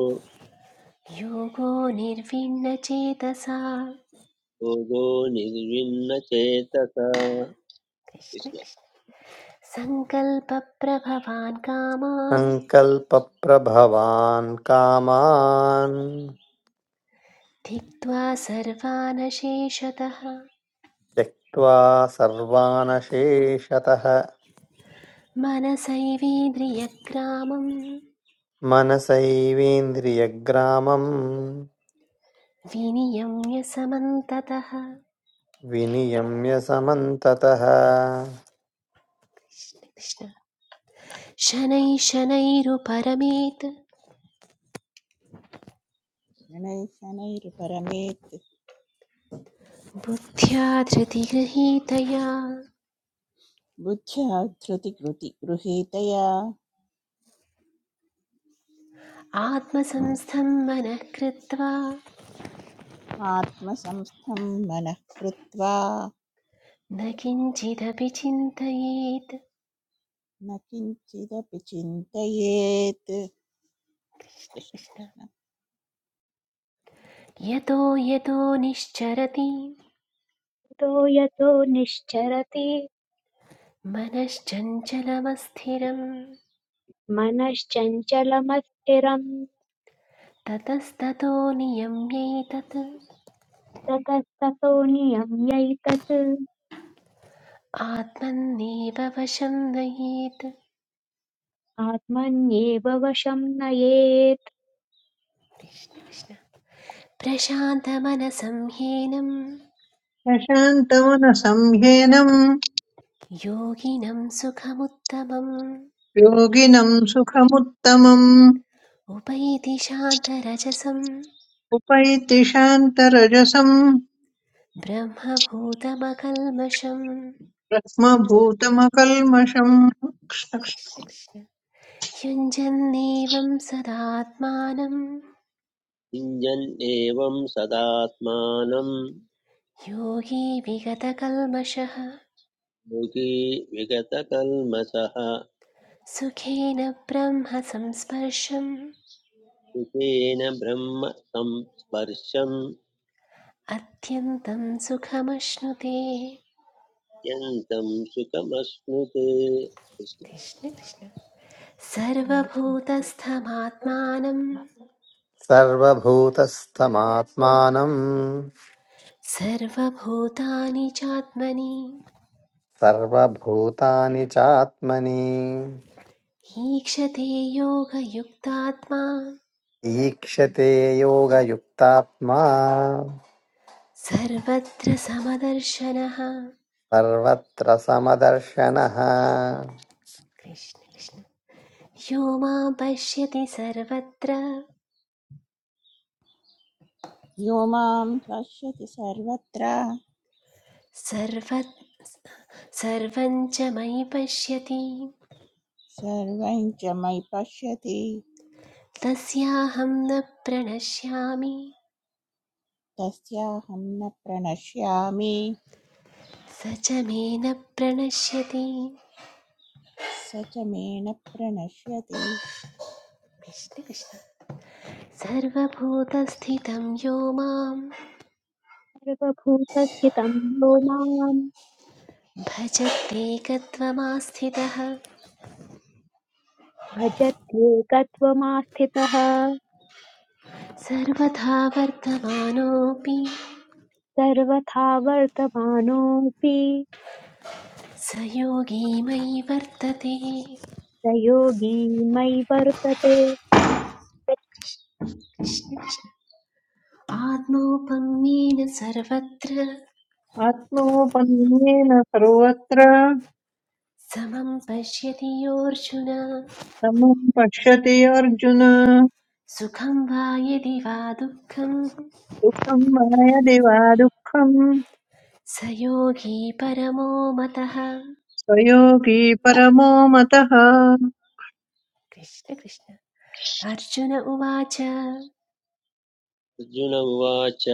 [SPEAKER 3] योगो निर्विण्णचेतसा
[SPEAKER 2] योगो निर्विण्णचेतसा
[SPEAKER 3] कृष्ण
[SPEAKER 2] कृष्ण
[SPEAKER 3] कृष्ण सङ्कल्पप्रभवान् कामान्
[SPEAKER 6] सङ्कल्पप्रभवान् कामान्
[SPEAKER 3] त्यक्त्वा सर्वानशेषतः
[SPEAKER 6] त्यक्त्वा सर्वानशेषतः
[SPEAKER 3] मनसैवीन्द्रियग्रामम्
[SPEAKER 6] मनसैवेन्द्रियग्रामं
[SPEAKER 3] विनियम्य समन्ततः
[SPEAKER 6] विनियम्य समन्ततः
[SPEAKER 3] कृष्ण। शनैः शनैरुपरमेत्
[SPEAKER 7] शनैशनैर्परमेत्
[SPEAKER 3] बुद्ध्या धृतिगृहीतया
[SPEAKER 7] बुद्ध्या धृतिकृति गृहीतया
[SPEAKER 3] आत्मसंस्थं मनः कृत्वा
[SPEAKER 7] आत्मसंस्थं मनः कृत्वा
[SPEAKER 3] न किञ्चिदपि चिन्तयेत्
[SPEAKER 7] न किञ्चिदपि चिन्तयेत् कृष्ण कृष्ण।
[SPEAKER 3] यतो यतो निश्चरति
[SPEAKER 1] यतो यतो निश्चरति
[SPEAKER 3] मनश्चञ्चलमस्थिरं
[SPEAKER 1] मनश्चञ्चलमस्थिरम्
[SPEAKER 3] ततस्ततो नियम्यैतत्
[SPEAKER 1] ततस्ततोऽन्यं यैतत्
[SPEAKER 3] आत्मन्नेव वशं नयेत्
[SPEAKER 1] आत्मन्येव वशं नयेत्
[SPEAKER 3] कृष्ण कृष्ण प्रशान्तमनसं हीनं
[SPEAKER 4] प्रशान्तमनसं ह्येनं
[SPEAKER 3] योगिनं सुखमुत्तमम्
[SPEAKER 4] योगिनं सुखमुत्तमम्
[SPEAKER 3] उपैति शान्तरजसं
[SPEAKER 4] उपैतिशान्तरजसम्
[SPEAKER 3] ब्रह्मभूतमकल्मषम्
[SPEAKER 4] ब्रह्मभूतमकल्मषम्
[SPEAKER 3] कृष्ण कृष्ण युञ्जन्नेवं सदात्मानं
[SPEAKER 2] युञ्जन् सदात्मानं
[SPEAKER 3] योगी विगतकल्मषः
[SPEAKER 2] मुखे विगतकल्मषः
[SPEAKER 3] सुखेन ब्रह्म संस्पर्शम्
[SPEAKER 2] सुखेन ब्रह्म संस्पर्शं
[SPEAKER 3] अत्यन्तं सुखमश्नुते
[SPEAKER 2] यन्तं सुखमश्नुते कृष्ण।
[SPEAKER 3] कृष्ण कृष्ण
[SPEAKER 6] सर्वभूतस्थमात्मानं
[SPEAKER 3] सर्वभूतानि चात्मनि
[SPEAKER 6] सर्वभूतानि चात्मनि
[SPEAKER 3] ईक्षते योगयुक्तात्मा
[SPEAKER 6] ईक्षते योगयुक्तात्मा
[SPEAKER 3] सर्वत्र समदर्शनः
[SPEAKER 6] सर्वत्र समदर्शनः
[SPEAKER 3] कृष्ण कृष्ण यो मां पश्यति सर्वत्र
[SPEAKER 7] यो मां पश्यति सर्वत्र
[SPEAKER 3] सर्व सर्वं च मयि पश्यति
[SPEAKER 7] सर्वं च मयि पश्यति
[SPEAKER 3] तस्याहं न प्रणश्यामि
[SPEAKER 7] तस्याहं न प्रणश्यामि
[SPEAKER 3] स च मे न प्रणश्यति
[SPEAKER 7] स च मे न प्रणश्यति
[SPEAKER 3] कृष्ण कृष्ण सर्वभूतस्थितं यो मां
[SPEAKER 1] सर्वभूतस्थितं यो माम्
[SPEAKER 3] भजत्येकत्वमास्थितः
[SPEAKER 1] भजत्येकत्वमास्थितः
[SPEAKER 3] सर्वथा वर्तमानोऽपि
[SPEAKER 1] सर्वथा वर्तमानोऽपि
[SPEAKER 3] स योगी मयि वर्तते
[SPEAKER 1] स योगी मयि वर्तते
[SPEAKER 3] कृष्ण कृष्ण। आत्मौपम्येन सर्वत्र
[SPEAKER 4] आत्मोपन्नेन सर्वत्र
[SPEAKER 3] समं पश्यति योऽर्जुन
[SPEAKER 4] समम् पश्यति अर्जुन
[SPEAKER 3] सुखं वा यदि वा दुःखं स
[SPEAKER 4] दुःखम् मायदि वा दुःखम्
[SPEAKER 3] योगी परमो मतः
[SPEAKER 4] स्वयोगी परमो मतः
[SPEAKER 3] कृष्ण कृष्ण अर्जुन उवाच
[SPEAKER 2] अर्जुन उवाच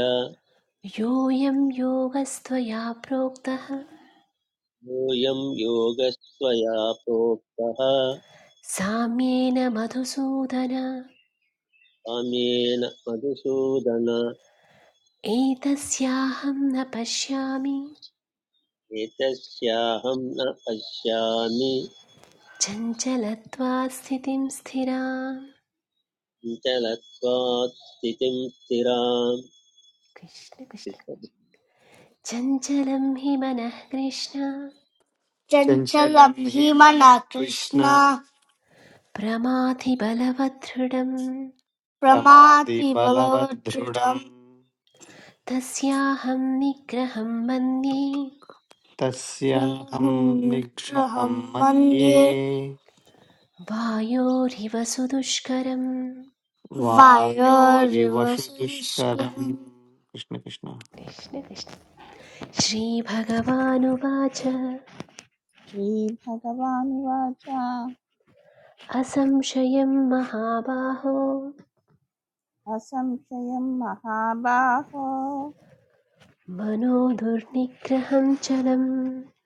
[SPEAKER 3] योऽयं योगस्त्वया प्रोक्तः
[SPEAKER 2] योऽयं योगस्त्वया प्रोक्तः
[SPEAKER 3] साम्येन मधुसूदन
[SPEAKER 2] कामेन मधुसूदन
[SPEAKER 3] एतस्याहं न पश्यामि
[SPEAKER 2] एतस्याहं न पश्यामि
[SPEAKER 3] चञ्चलत्वा स्थितिं स्थिराम्
[SPEAKER 2] चलत्वात् स्थितिं स्थिराम्
[SPEAKER 3] कृष्ण कृष्ण चञ्चलं हि मनः कृष्ण
[SPEAKER 6] चञ्चलम् हीमः कृष्ण
[SPEAKER 3] प्रमाथिबलवदृढम्
[SPEAKER 6] प्रमाति बलवदृढम्
[SPEAKER 3] तस्याहं निग्रहं मन्ये
[SPEAKER 6] तस्याहं निग्रहं मन्ये
[SPEAKER 3] वायोरिव सुदुष्करम्
[SPEAKER 6] वायोरिव दुष्करम् कृष्ण कृष्ण
[SPEAKER 3] कृष्ण कृष्ण श्रीभगवानुवाच
[SPEAKER 7] श्रीभगवानुवाच
[SPEAKER 3] असंशयं महाबाहो
[SPEAKER 7] असंशयं महाबाहो
[SPEAKER 3] मनो दुर्निग्रहं चलम्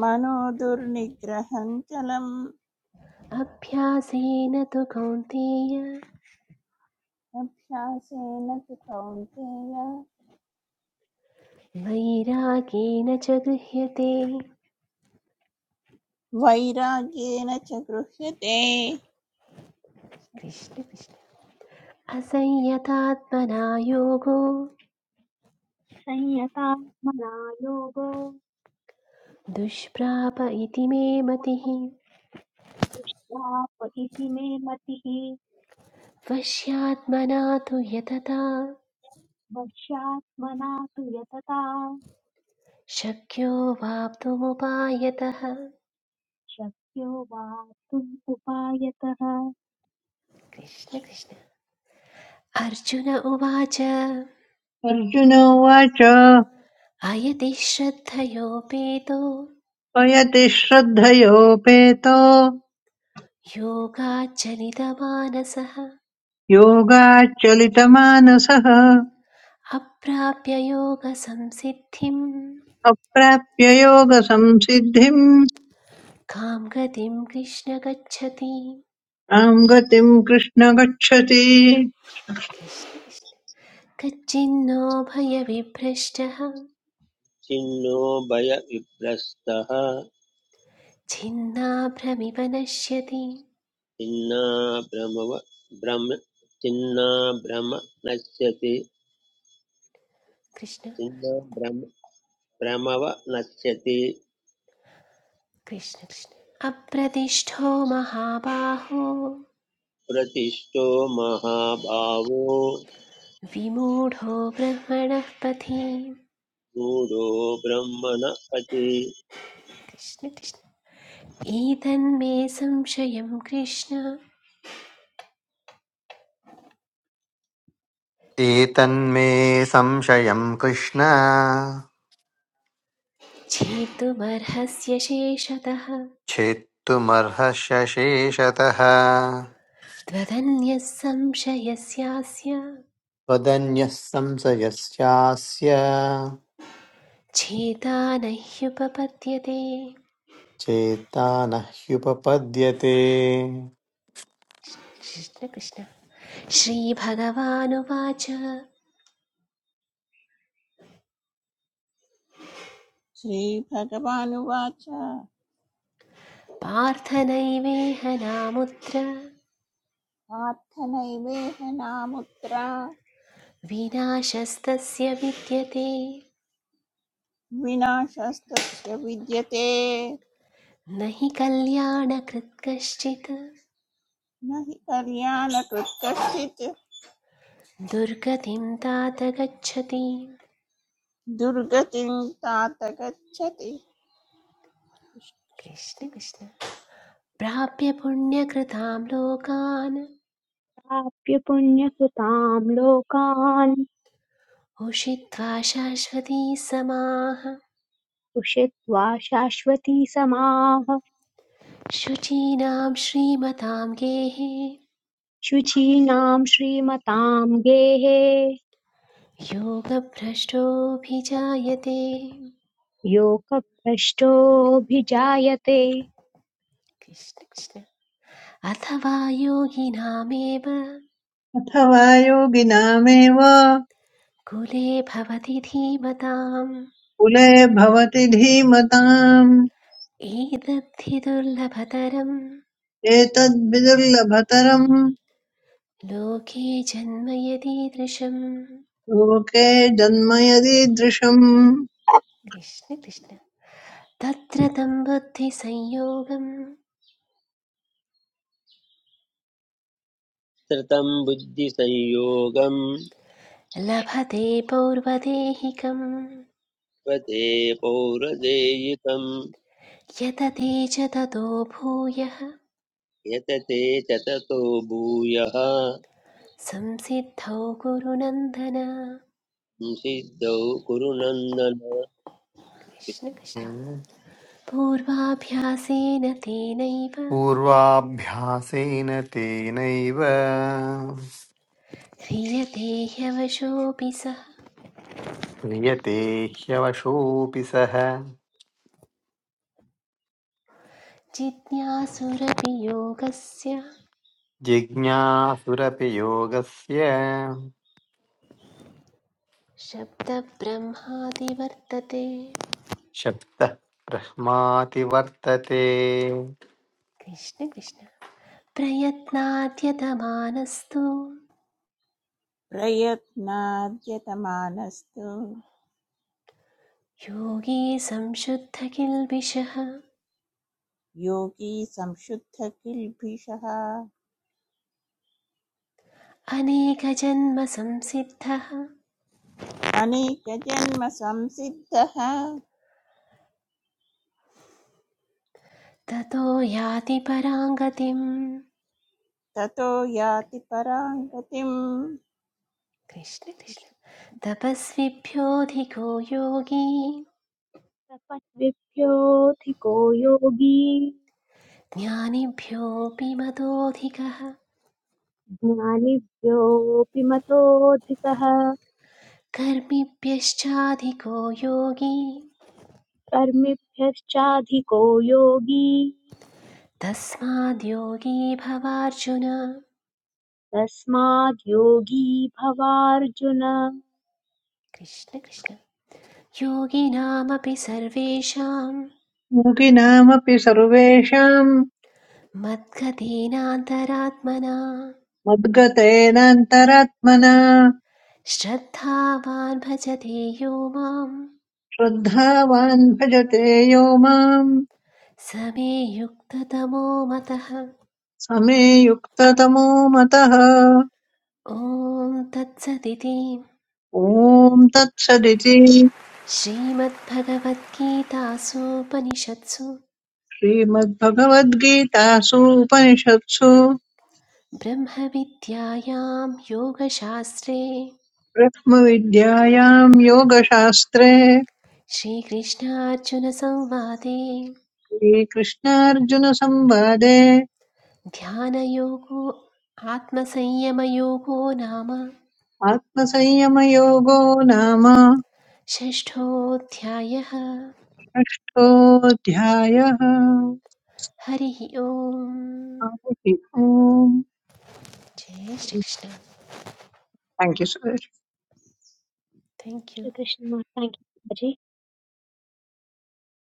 [SPEAKER 7] मनो दुर्निग्रहं चलम्
[SPEAKER 3] अभ्यासेन तु कौन्तेय
[SPEAKER 7] अभ्यासेन तु कौन्तेय
[SPEAKER 3] वैरागेण च गृह्यते
[SPEAKER 7] वैराग्येन च गृह्यते
[SPEAKER 3] कृष्ण कृष्ण असंयतात्मना योगो
[SPEAKER 1] संयतात्मना योगो
[SPEAKER 3] दुष्प्राप इति मे मतिः
[SPEAKER 1] दृष्ट्याप इति मे मतिः
[SPEAKER 3] वश्यात्मना तु यतता
[SPEAKER 1] वश्यात्मना तु यतता
[SPEAKER 3] शक्यो वाप्तुमुपायतः
[SPEAKER 1] शक्यो वार्तुम् उपायतः
[SPEAKER 3] कृष्ण कृष्ण अर्जुन उवाच
[SPEAKER 4] अर्जुन उवाच
[SPEAKER 3] अयति श्रद्धयोपेतो
[SPEAKER 4] पयति श्रद्धयोपेतो
[SPEAKER 3] योगाच्चलितमानसः
[SPEAKER 4] योगाच्चलितमानसः
[SPEAKER 3] अप्राप्य योगसंसिद्धिं
[SPEAKER 4] अप्राप्य योगसंसिद्धिम्
[SPEAKER 3] कां गतिं कृष्ण गच्छति
[SPEAKER 4] आम् गतिम् कृष्ण गच्छति
[SPEAKER 3] कृष्ण कृष्ण। कच्चिन्नो भयविभ्रष्टः
[SPEAKER 2] छिन्नो भयविभ्रस्तः
[SPEAKER 3] छिन्नाभ्रमिव नश्यति
[SPEAKER 2] छिन्नाभ्रमव भ्रम छिन्नाभ्रम नश्यति
[SPEAKER 3] कृष्ण
[SPEAKER 2] छिन्नाभ्रम भ्रमव नश्यति
[SPEAKER 3] कृष्ण कृष्ण अप्रतिष्ठो महाबाहो
[SPEAKER 2] प्रतिष्ठो महाभावो
[SPEAKER 3] विमूढो ब्रह्मणः पथि
[SPEAKER 2] गूढो ब्रह्मणपति
[SPEAKER 3] कृष्ण कृष्ण एतन्मे संशयं कृष्ण
[SPEAKER 6] एतन्मे संशयं कृष्ण
[SPEAKER 3] छेतुमर्हस्य शेषतः
[SPEAKER 6] छेत्तुमर्हस्य शेषतः
[SPEAKER 3] त्वदन्यः संशयस्यास्य
[SPEAKER 6] त्वदन्यः संशयस्यास्य
[SPEAKER 3] छेता न ह्युपपद्यते
[SPEAKER 6] चेत्ता न ह्युपपद्यते
[SPEAKER 3] कृष्णकृष्ण श्रीभगवानुवाच
[SPEAKER 7] श्रीभगवानुवाच
[SPEAKER 3] पार्थ नैवेह नामुत्र
[SPEAKER 7] पार्थनैवेह नामुत्र
[SPEAKER 3] विनाशस्तस्य विद्यते
[SPEAKER 7] विनाशस्तस्य विद्यते
[SPEAKER 3] न हि कल्याणकृत् कश्चित्
[SPEAKER 7] न हि कल्याणकृत् कश्चित्
[SPEAKER 3] दुर्गतिं तात गच्छति
[SPEAKER 7] दुर्गतिं तात गच्छति
[SPEAKER 3] कृष्णकृष्ण प्राप्य पुण्यकृतां लोकान्
[SPEAKER 1] प्राप्य पुण्यकृताम् लोकान्
[SPEAKER 3] उषित्वा शाश्वती समाः
[SPEAKER 1] उषित्वा शाश्वती समाः
[SPEAKER 3] शुचीनां श्रीमतां गेः
[SPEAKER 1] शुचीनाम् श्रीमताम् गेहे
[SPEAKER 3] योगभ्रष्टोऽभिजायते
[SPEAKER 1] योगभ्रष्टोऽभिजायते
[SPEAKER 3] कृष्ण कृष्ण अथवा योगिनामेव
[SPEAKER 4] अथवा योगिनामेव
[SPEAKER 3] कुले भवति धीमताम्
[SPEAKER 4] कुले भवति धीमताम्
[SPEAKER 3] एतद्धि दुर्लभतरं
[SPEAKER 4] एतद्विदुर्लभतरम्
[SPEAKER 3] लोके जन्म यदीदृशम्
[SPEAKER 4] लोके जन्म यदीदृशम्
[SPEAKER 3] कृष्ण कृष्ण तत्र तं बुद्धिसंयोगं
[SPEAKER 2] श्रुतं बुद्धिसंयोगं
[SPEAKER 3] लभते पौर्वदेहिकम्
[SPEAKER 2] स्वते पौरदेयिकं
[SPEAKER 3] यतते च ततो भूयः
[SPEAKER 2] यतते चततो भूयः
[SPEAKER 3] संसिद्धौ गुरुनन्दन
[SPEAKER 2] सिद्धौ कुरु नन्दन
[SPEAKER 3] कृष्ण कृष्ण पूर्वाभ्यासेन तेनैव
[SPEAKER 6] पूर्वाभ्यासेन तेनैव
[SPEAKER 3] ह्रियते ह्यवशोऽपि सः
[SPEAKER 6] क्रियते ह्यवशोऽपि सः
[SPEAKER 3] जिज्ञासुरपि योगस्य
[SPEAKER 6] जिज्ञासुरपि योगस्य
[SPEAKER 3] शब्दब्रह्मादिवर्तते
[SPEAKER 6] शब्दः ब्रह्माति वर्तते
[SPEAKER 3] कृष्ण कृष्ण प्रयत्नाद्यतमानस्तु
[SPEAKER 7] प्रयत्नाद्यतमानस्तु
[SPEAKER 3] योगी संशुद्धकिल्बिषः
[SPEAKER 7] योगी संशुद्धकिल्बिषः
[SPEAKER 3] अनेकजन्मसंसिद्धः
[SPEAKER 7] अनेकजन्मसंसिद्धः
[SPEAKER 3] ततो याति पराङ्गतिम्
[SPEAKER 7] ततो याति परां गतिम्
[SPEAKER 3] कृष्ण कृष्ण तपस्विभ्योऽधिको योगी
[SPEAKER 1] तपस्विभ्योऽधिको योगी
[SPEAKER 3] ज्ञानिभ्योऽपि मतोऽधिकः
[SPEAKER 1] ज्ञानिभ्योऽपि मतोऽधिकः
[SPEAKER 3] कर्मिभ्यश्चाधिको योगी
[SPEAKER 1] कर्मिभ्यश्चाधिको योगी
[SPEAKER 3] तस्माद्योगी भवार्जुन
[SPEAKER 1] तस्माद् योगी भवार्जुन
[SPEAKER 3] कृष्ण कृष्ण योगिनामपि सर्वेषां
[SPEAKER 4] योगिनामपि सर्वेषाम्
[SPEAKER 3] मद्गतीनान्तरात्मना
[SPEAKER 4] मद्गतेनान्तरात्मना
[SPEAKER 3] श्रद्धावान् भजते यो मां
[SPEAKER 4] श्रद्धावान् भजते यो माम्
[SPEAKER 3] समे युक्ततमो मतः
[SPEAKER 4] समे युक्ततमो मतः
[SPEAKER 3] ॐ तत्सदिति
[SPEAKER 4] ॐ तत्सदिति
[SPEAKER 3] श्रीमद्भगवद्गीतासूपनिषत्सु
[SPEAKER 4] श्रीमद्भगवद्गीतासु उपनिषत्सु
[SPEAKER 3] ब्रह्मविद्यायां योगशास्त्रे
[SPEAKER 4] ब्रह्मविद्यायाम् योगशास्त्रे
[SPEAKER 3] श्रीकृष्णार्जुनसंवादे
[SPEAKER 4] श्रीकृष्णार्जुनसंवादे
[SPEAKER 3] ध्यानयोगो आत्मसंयमयोगो नाम
[SPEAKER 4] आत्मसंयमयोगो नाम
[SPEAKER 3] षष्ठोऽध्यायः
[SPEAKER 4] षष्ठोऽध्यायः
[SPEAKER 3] हरिः ओम्
[SPEAKER 4] हरिः ओम्
[SPEAKER 3] जय Shrikrishna
[SPEAKER 4] thank you Suresh
[SPEAKER 3] thank you
[SPEAKER 1] Shrikrishna thank you ji.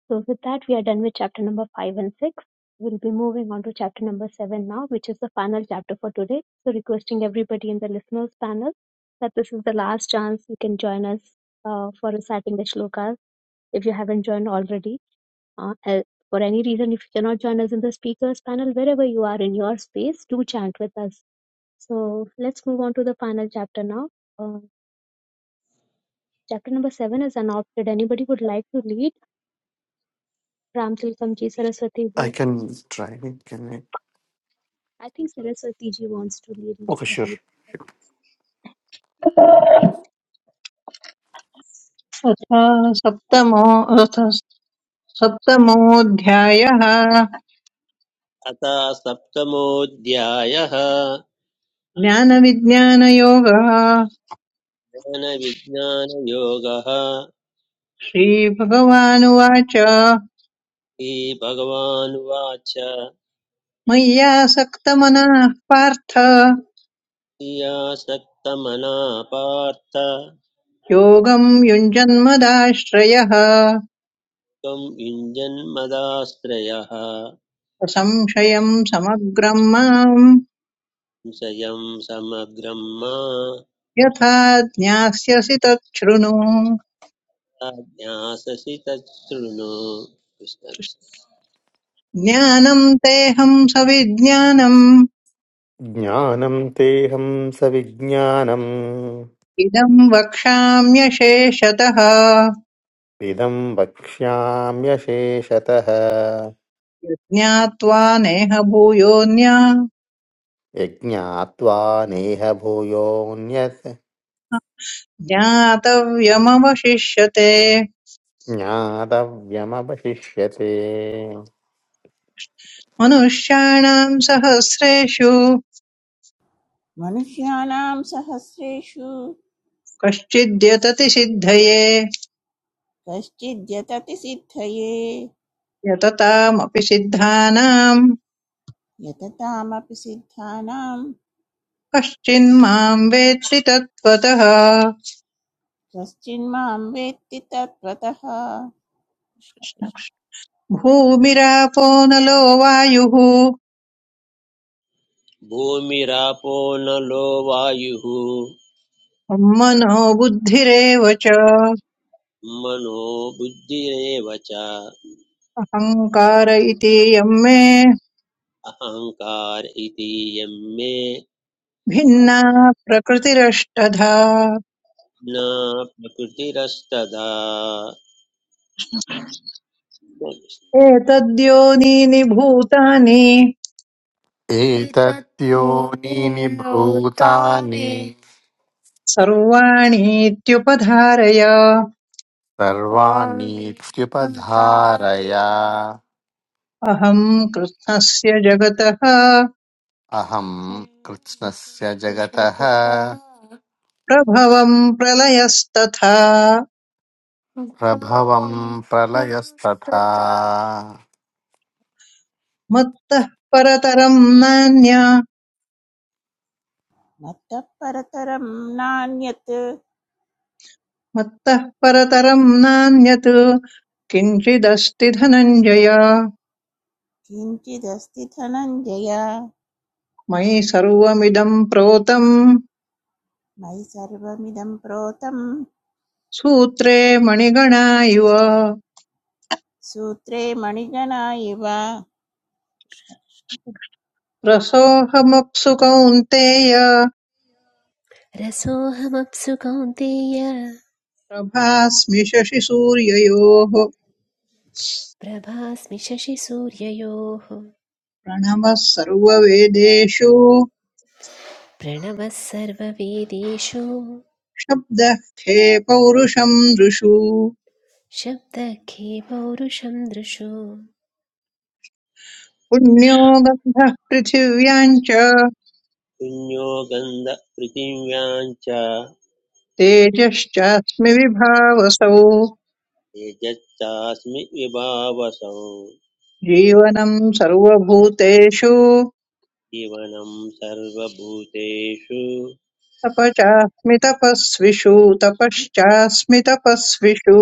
[SPEAKER 1] So, with that, we are done with chapter number 5 and 6. We'll be moving on to chapter number 7 now, which is the final chapter for today. So, requesting everybody in the listeners panel that this is the last chance you can join us uh, for reciting the shlokas if you haven't joined already. Uh, uh, for any reason, if you cannot join us in the speakers panel, wherever you are in your space, do chant with us. So, let's move on to the final chapter now. Uh, chapter number 7 is adopted. Anybody would like to lead? Ram Tilakam Ji Saraswati
[SPEAKER 6] I?
[SPEAKER 1] Ji.
[SPEAKER 6] can try it, can I?
[SPEAKER 1] I think Saraswati ji wants to lead, let
[SPEAKER 6] Okay,
[SPEAKER 1] her
[SPEAKER 6] sure.
[SPEAKER 1] lead.
[SPEAKER 4] अथ सप्तमो अथ सप्तमोऽध्यायः
[SPEAKER 2] अथ सप्तमोऽध्यायः
[SPEAKER 4] ज्ञानविज्ञानयोगः
[SPEAKER 2] ज्ञानविज्ञानयोगः
[SPEAKER 4] श्रीभगवानुवाच
[SPEAKER 2] श्रीभगवानुवाच
[SPEAKER 4] मय्यासक्तमनाः पार्थ
[SPEAKER 2] प्रियासक्तमना पार्थ
[SPEAKER 4] योगम् युञ्जन्मदाश्रयः
[SPEAKER 2] त्वं युञ्जन्मदाश्रयः
[SPEAKER 4] असंशयम् समग्रम् माम्
[SPEAKER 2] संशयं समग्रं मा
[SPEAKER 4] यथा ज्ञास्यसि तच्छृणु
[SPEAKER 2] ज्ञाससि तच्छृणु
[SPEAKER 4] ज्ञानम् तेऽहम् सविज्ञानम्
[SPEAKER 6] ज्ञानम् तेहं सविज्ञानम्
[SPEAKER 4] इदम् वक्ष्याम्यशेषतः
[SPEAKER 6] इदं वक्ष्याम्यशेषतः
[SPEAKER 4] ज्ञात्वा नेह भूयोऽन्या
[SPEAKER 6] यज्ञात्वा नेह भूयोऽन्यत्
[SPEAKER 4] ज्ञातव्यमवशिष्यते
[SPEAKER 6] ज्ञातव्यमवशिष्यते
[SPEAKER 4] मनुष्याणाम् सहस्रेषु
[SPEAKER 7] मनुष्याणां सहस्रेषु
[SPEAKER 4] कश्चिद्यतति सिद्धये
[SPEAKER 7] कश्चिद्यतति सिद्धये
[SPEAKER 4] यततामपि सिद्धानाम्
[SPEAKER 7] यततामपि सिद्धानां
[SPEAKER 4] कश्चिन्माम् वेत्ति तत्त्वतः
[SPEAKER 7] कश्चिन्मां वेत्ति तत्त्वतः कृष्ण कृष्ण
[SPEAKER 4] भूमिरापो नलो वायुः
[SPEAKER 2] भूमिरापो नलो वायुः
[SPEAKER 4] मनो बुद्धिरेव च
[SPEAKER 2] मनो बुद्धिरेव च
[SPEAKER 4] अहङ्कार इति यं मे
[SPEAKER 2] अहङ्कार इति यं मे
[SPEAKER 4] भिन्ना प्रकृतिरष्टधा
[SPEAKER 2] न प्रकृतिरस्तदा
[SPEAKER 4] एतद्योनीनि भूतानि
[SPEAKER 6] एतत्योनीनि भूतानि
[SPEAKER 4] सर्वाणीत्युपधारय
[SPEAKER 6] सर्वाणीत्युपधारय
[SPEAKER 4] अहम् कृष्णस्य जगतः
[SPEAKER 6] अहम् कृत्स्नस्य जगतः
[SPEAKER 4] प्रभवम् प्रलयस्तथा
[SPEAKER 6] प्रभवम् प्रलयस्तथा
[SPEAKER 4] मत्तः परतरम् नान्य
[SPEAKER 7] मत्तः परतरं नान्यत्
[SPEAKER 4] मत्तः परतरम् नान्यत् किञ्चिदस्ति धनञ्जय
[SPEAKER 7] किञ्चिदस्ति धनञ्जय
[SPEAKER 4] मयि सर्वमिदम् प्रोतम्
[SPEAKER 7] मयि सर्वमिदं प्रोतं
[SPEAKER 4] सूत्रे मणिगणा इव
[SPEAKER 7] सूत्रे मणिगणा इव कृष्ण कृष्ण
[SPEAKER 4] रसोऽहमप्सु कौन्तेय
[SPEAKER 3] रसोऽहमप्सु कौन्तेय
[SPEAKER 4] प्रभास्मि शशिसूर्ययोः
[SPEAKER 3] प्रभास्मि शशिसूर्ययोः
[SPEAKER 4] प्रणवः सर्ववेदेषु
[SPEAKER 3] प्रणवः सर्ववेदेषु
[SPEAKER 4] शब्दः खे पौरुषम् दृषु
[SPEAKER 3] शब्दखे पौरुषं दृशो
[SPEAKER 4] पुण्यो गन्धः पृथिव्याम् च
[SPEAKER 2] पुण्यो गन्धपृथिव्यां च
[SPEAKER 4] तेजश्चास्मि विभावसौ
[SPEAKER 2] यजच्चास्मि विभावसं
[SPEAKER 4] जीवनं सर्वभूतेषु
[SPEAKER 2] जीवनं सर्वभूतेषु
[SPEAKER 4] तपचास्मि तपस्विषु तपश्चास्मि तपस्विषु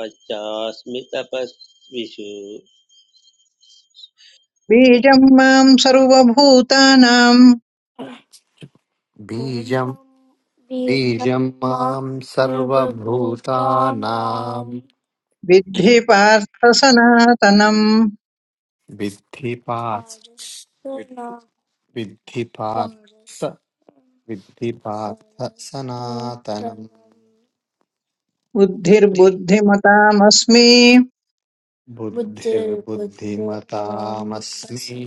[SPEAKER 2] पच्चास्मि तपस्विषु
[SPEAKER 4] बीजं मां सर्वभूतानां
[SPEAKER 6] बीजं बीजं बीजं मां मां सर्वभूतानां सर्वभूतानां
[SPEAKER 4] विद्धि पार्थ सनातनम्
[SPEAKER 6] विद्धि पार्थ पारसनां विद्धि पार्थ विद्धि पार्थ सनातनं
[SPEAKER 4] बुद्धिर्बुद्धिमतामस्मि
[SPEAKER 6] बुद्धिर्बुद्धिमतामस्मि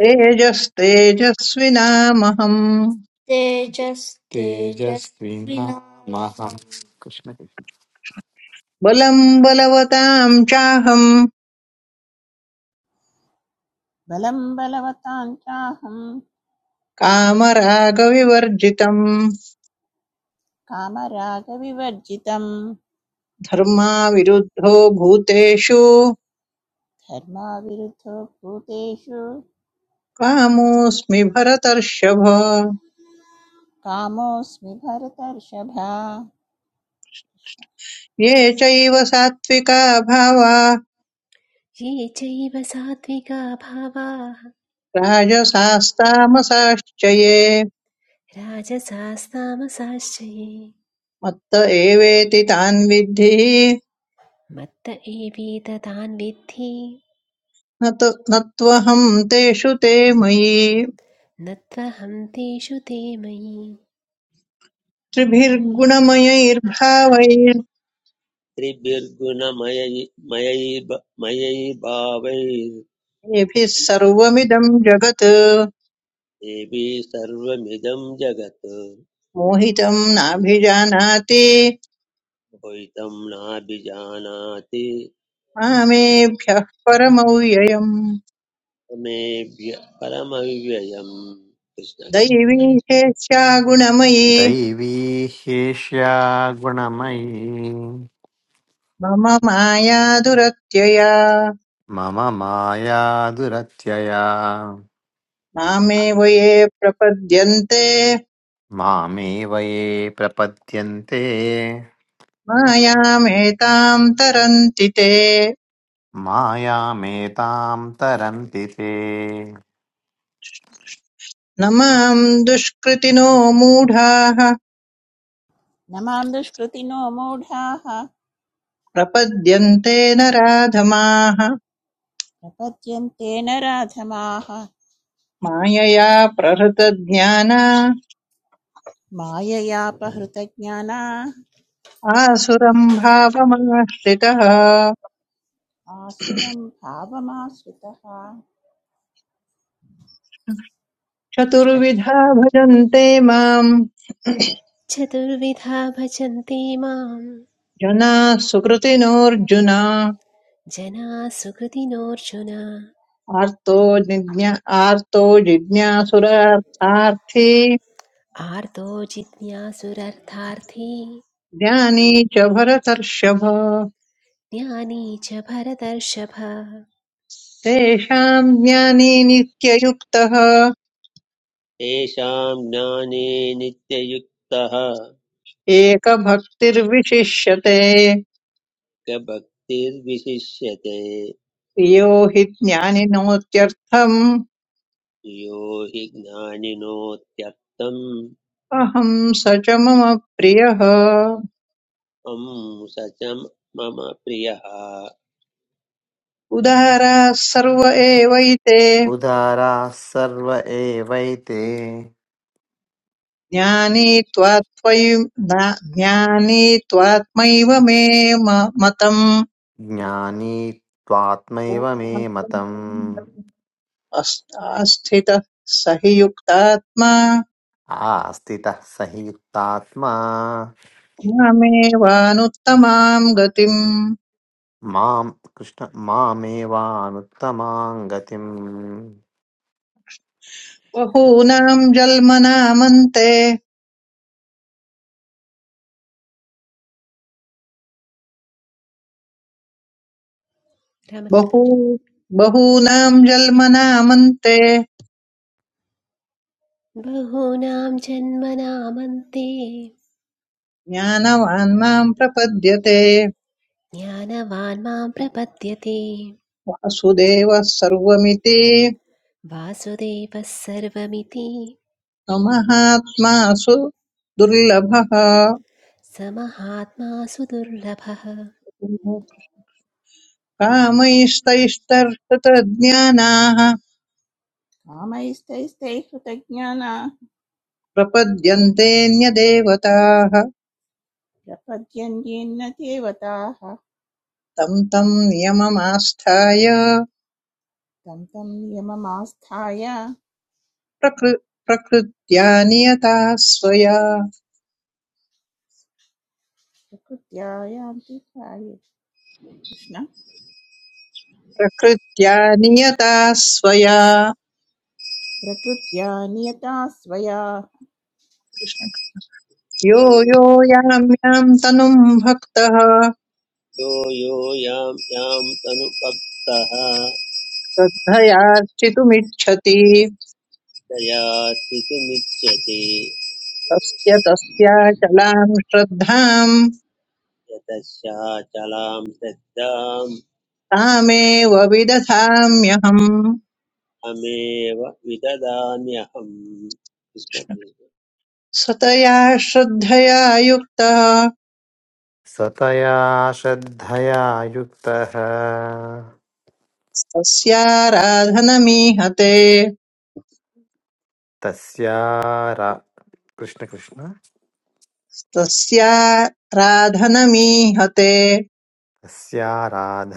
[SPEAKER 4] तेजस्तेजस्विनामहम्
[SPEAKER 6] तेजस्विनामहं कृष्ण कृष्ण।
[SPEAKER 4] बलं बलवतां चाहं
[SPEAKER 7] बलं बलवतां चाहं
[SPEAKER 4] कामरागविवर्जितम्
[SPEAKER 7] कामरागविवर्जितं
[SPEAKER 4] धर्माविरुद्धो भूतेषु
[SPEAKER 7] धर्माविरुद्धो भूतेषु
[SPEAKER 4] कामोऽस्मि भरतर्षभ
[SPEAKER 7] कामोऽस्मि भरतर्षभा
[SPEAKER 4] ये चैव सात्विका भावा
[SPEAKER 3] ये चैव सात्विका भावाः
[SPEAKER 4] राजसास्तामसाश्च ये
[SPEAKER 3] राजसास्तामसाश्च ये
[SPEAKER 4] मत्त एवेति तान् विद्धि
[SPEAKER 3] मत्त एवेततान् विद्धि
[SPEAKER 4] न त- न त्वहं तेषु ते मयि
[SPEAKER 3] न त्वहं तेषु ते मयि
[SPEAKER 4] त्रिभिर्गुणमयैर्भावैर्येभिः
[SPEAKER 2] त्रिभिर्गुणमयि मयैर्भ- मयैर्भावैर्देवी
[SPEAKER 4] सर्वमिदं जगत्
[SPEAKER 2] सर्वमिदं जगत्
[SPEAKER 4] मोहितं नाभिजानाति
[SPEAKER 2] द्वैतं नाभिजानाति
[SPEAKER 4] मामेभ्यः परमव्ययम्
[SPEAKER 2] तमेभ्य परमव्ययम् कृष्ण
[SPEAKER 4] दैवी चेष्टा गुणमयी
[SPEAKER 6] दैवी ह्येष्या गुणमयी
[SPEAKER 4] मम माया दुरत्यया
[SPEAKER 6] मम माया दुरत्यया
[SPEAKER 4] मामेव ये प्रपद्यन्ते
[SPEAKER 6] मामेव ये प्रपद्यन्ते
[SPEAKER 4] मायामेतां तरन्ति ते
[SPEAKER 6] मायामेतां तरन्ति ते
[SPEAKER 4] न मां दुष्कृतिनो मूढाः
[SPEAKER 7] न मां दुष्कृतिनो मूढाः
[SPEAKER 4] प्रपद्यन्ते नराधमाः
[SPEAKER 7] प्रपद्यन्ते नराधमाः
[SPEAKER 4] मायया प्रहृतज्ञाना
[SPEAKER 7] माययापहृतज्ञाना
[SPEAKER 4] आसुरं भावमाश्रितः
[SPEAKER 7] आसुरं भावमाश्रितः
[SPEAKER 4] चतुर्विधा भजन्ते माम्
[SPEAKER 3] चतुर्विधा भजन्ते मां
[SPEAKER 4] जनाः सुकृतिनोऽर्जुन
[SPEAKER 3] जनाः सुकृतिनोऽर्जुन
[SPEAKER 4] आर्तो जिज्ञा आर्तो जिज्ञासुरार्थार्थी
[SPEAKER 3] आर्तो जिज्ञासुरर्थार्थी
[SPEAKER 4] ज्ञानी च भरतर्षभ
[SPEAKER 3] ज्ञानी च भरतर्षभ
[SPEAKER 4] तेषां ज्ञानी नित्ययुक्तः
[SPEAKER 2] तेषां ज्ञाने नित्ययुक्तः
[SPEAKER 4] एकभक्तिर्विशिष्यते
[SPEAKER 2] ग भक्तिर्विशिष्यते
[SPEAKER 4] प्रियो हि ज्ञानिनोत्यर्थम्
[SPEAKER 2] यो हि ज्ञानिनोत्यर्थम्
[SPEAKER 4] अहं स च मम प्रियः
[SPEAKER 2] अं स च मम प्रियः
[SPEAKER 4] उदाराः सर्व एवैते
[SPEAKER 6] उदाराः सर्व एवैते
[SPEAKER 4] ज्ञानी त्वात्त्वयि ज्ञानी त्वात्मैव मे म- मतम्
[SPEAKER 6] ज्ञानी त्वात्मैव मे मतम्
[SPEAKER 4] अस्- आस्थितः स हि युक्तात्मा
[SPEAKER 6] आस्थितः स हि युक्तात्मा
[SPEAKER 4] मामेवानुत्तमां गतिम्
[SPEAKER 6] मां कृष्ण मामेवानुत्तमां गतिम्
[SPEAKER 4] बहूनां जन्मनामन्ते बहु
[SPEAKER 3] रामतिलकञ्जी
[SPEAKER 4] बहूनां जन्मनामन्ते
[SPEAKER 3] बहूनां जन्मनामन्ते
[SPEAKER 4] ज्ञानवान् मां प्रपद्यते
[SPEAKER 3] ज्ञानवान् मां प्रपद्यते
[SPEAKER 4] वासुदेवः सर्वमिति
[SPEAKER 3] वासुदेवः सर्वमिति
[SPEAKER 4] महात्मासु दुर्लभः
[SPEAKER 3] स महात्मा सुदुर्लभः
[SPEAKER 4] कामैस्तैस्तर्हतज्ञानाः
[SPEAKER 7] कामैस्तैस्तैः हृतज्ञाना
[SPEAKER 4] प्रपद्यन्तेऽन्यदेवताः
[SPEAKER 7] प्रपद्यन्येन्न देवताः
[SPEAKER 4] तं तं नियममास्थाय
[SPEAKER 7] तं तं नियममास्थाय
[SPEAKER 4] प्रकृ प्रकृत्या नियता स्वया
[SPEAKER 7] प्रकृत्या यान्ति कार्ये कृष्ण
[SPEAKER 4] प्रकृत्या नियता स्वया
[SPEAKER 7] प्रकृत्या नियता स्वया कृष्ण
[SPEAKER 4] कृष्ण यो यो यां यां तनुं भक्तः
[SPEAKER 2] यो यो यां यां तनुभक्तः
[SPEAKER 4] श्रद्धयार्चितुमिच्छति
[SPEAKER 2] तया स्थितुमिच्छति
[SPEAKER 4] तस्य तस्याचलां श्रद्धां
[SPEAKER 2] यतश्चाचलां श्रद्धाम्
[SPEAKER 4] तामेव विदधाम्यहम्
[SPEAKER 2] अमेव विददाम्यहम् कृष्ण कृष्ण।
[SPEAKER 4] स्वतया श्रद्धया युक्तः
[SPEAKER 6] सतया श्रद्धया युक्तः
[SPEAKER 4] तस्याराधनमीहते
[SPEAKER 6] तस्या कृष्ण कृष्ण
[SPEAKER 4] तस्याराधनमीहते
[SPEAKER 6] तस्याराधनमीहते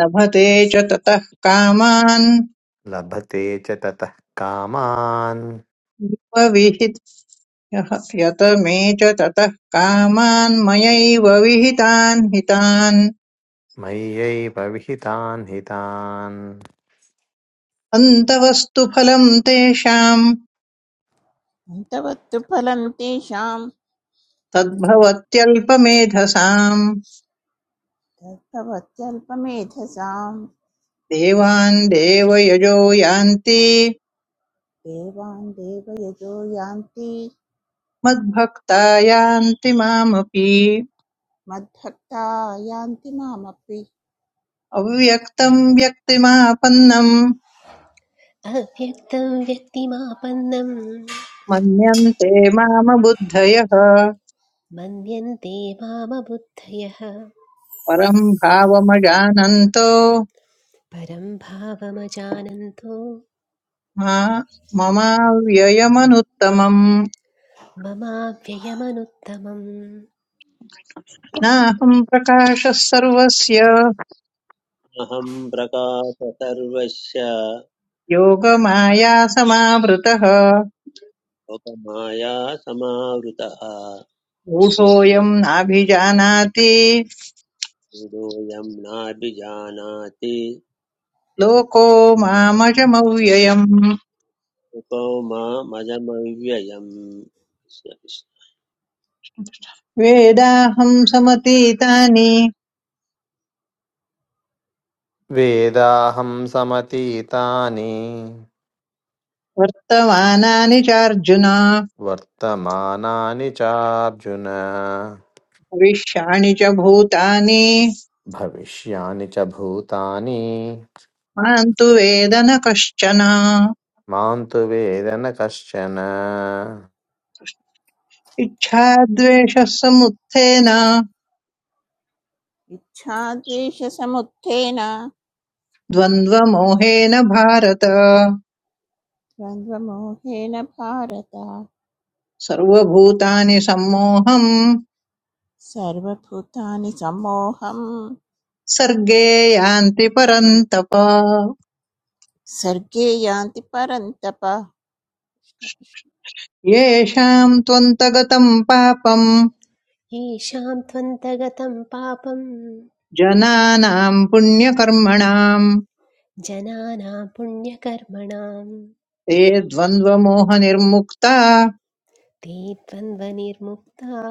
[SPEAKER 4] लभते च ततः कामान्
[SPEAKER 6] लभते च ततः कामान्
[SPEAKER 4] विहित यत मे च ततः कामान् मयैव विहितान् हितान्
[SPEAKER 6] मय्यैव विहितान् हितान्
[SPEAKER 4] अन्तवस्तु फलम् तेषाम्
[SPEAKER 7] अन्तवत्तु फलं तेषां
[SPEAKER 4] तद्भवत्यल्पमेधसाम्
[SPEAKER 7] तद्भवत्यल्पमेधसां
[SPEAKER 4] देवान् देवयजो यान्ति
[SPEAKER 7] देवान् देवयजो यान्ति
[SPEAKER 4] मद्भक्ता यान्ति मामपि
[SPEAKER 7] मद्भक्ता यान्ति मामपि
[SPEAKER 4] अव्यक्तम् व्यक्तिमापन्नम्
[SPEAKER 3] अव्यक्तं व्यक्तिमापन्नं
[SPEAKER 4] मन्यन्ते मामबुद्धयः
[SPEAKER 3] मन्यन्ते मामबुद्धयः
[SPEAKER 4] परम् भावमजानन्तो
[SPEAKER 3] परं भावमजानन्तो
[SPEAKER 4] मा ममाव्ययमनुत्तमम्
[SPEAKER 3] ममाव्ययमनुत्तमम्
[SPEAKER 4] नाहम् प्रकाशः सर्वस्य
[SPEAKER 2] अहं प्रकाश सर्वस्य
[SPEAKER 4] योगमायासमावृतः
[SPEAKER 2] लोकमाया समावृतः
[SPEAKER 4] ऊढोऽयम् नाभिजानाति
[SPEAKER 2] मूढोऽयं नाभिजानाति
[SPEAKER 4] लोको मामजमव्ययम्
[SPEAKER 2] को मामजमव्ययम्
[SPEAKER 4] वेदाहम् समतीतानि
[SPEAKER 6] वेदाहं समतीतानि
[SPEAKER 4] वर्तमानानि चार्जुन
[SPEAKER 6] वर्तमानानि चार्जुन
[SPEAKER 4] विषयाणि च भूतानि
[SPEAKER 6] भविष्यानि च भूतानि
[SPEAKER 4] मां तु वेद न कश्चन
[SPEAKER 6] मां तु वेद न कश्चन
[SPEAKER 4] इच्छाद्वेषः समुत्थेन
[SPEAKER 7] इच्छाद्वेषसमुत्थेन
[SPEAKER 4] द्वन्द्वमोहेन भारत
[SPEAKER 7] द्वन्द्वमोहेन भारत
[SPEAKER 4] सर्वभूतानि सम्मोहं
[SPEAKER 7] सर्वभूतानि सम्मोहं
[SPEAKER 4] सर्गे यान्ति परन्तप
[SPEAKER 7] सर्गे यान्ति परन्तप
[SPEAKER 4] येषां त्वन्तगतं पापं
[SPEAKER 3] येषां त्वन्तगतं पापं
[SPEAKER 4] जनानां पुण्यकर्मणां
[SPEAKER 3] जनानां पुण्यकर्मणाम्
[SPEAKER 4] ते द्वन्द्वमोहनिर्मुक्ता
[SPEAKER 3] ते द्वन्द्वनिर्मुक्ताः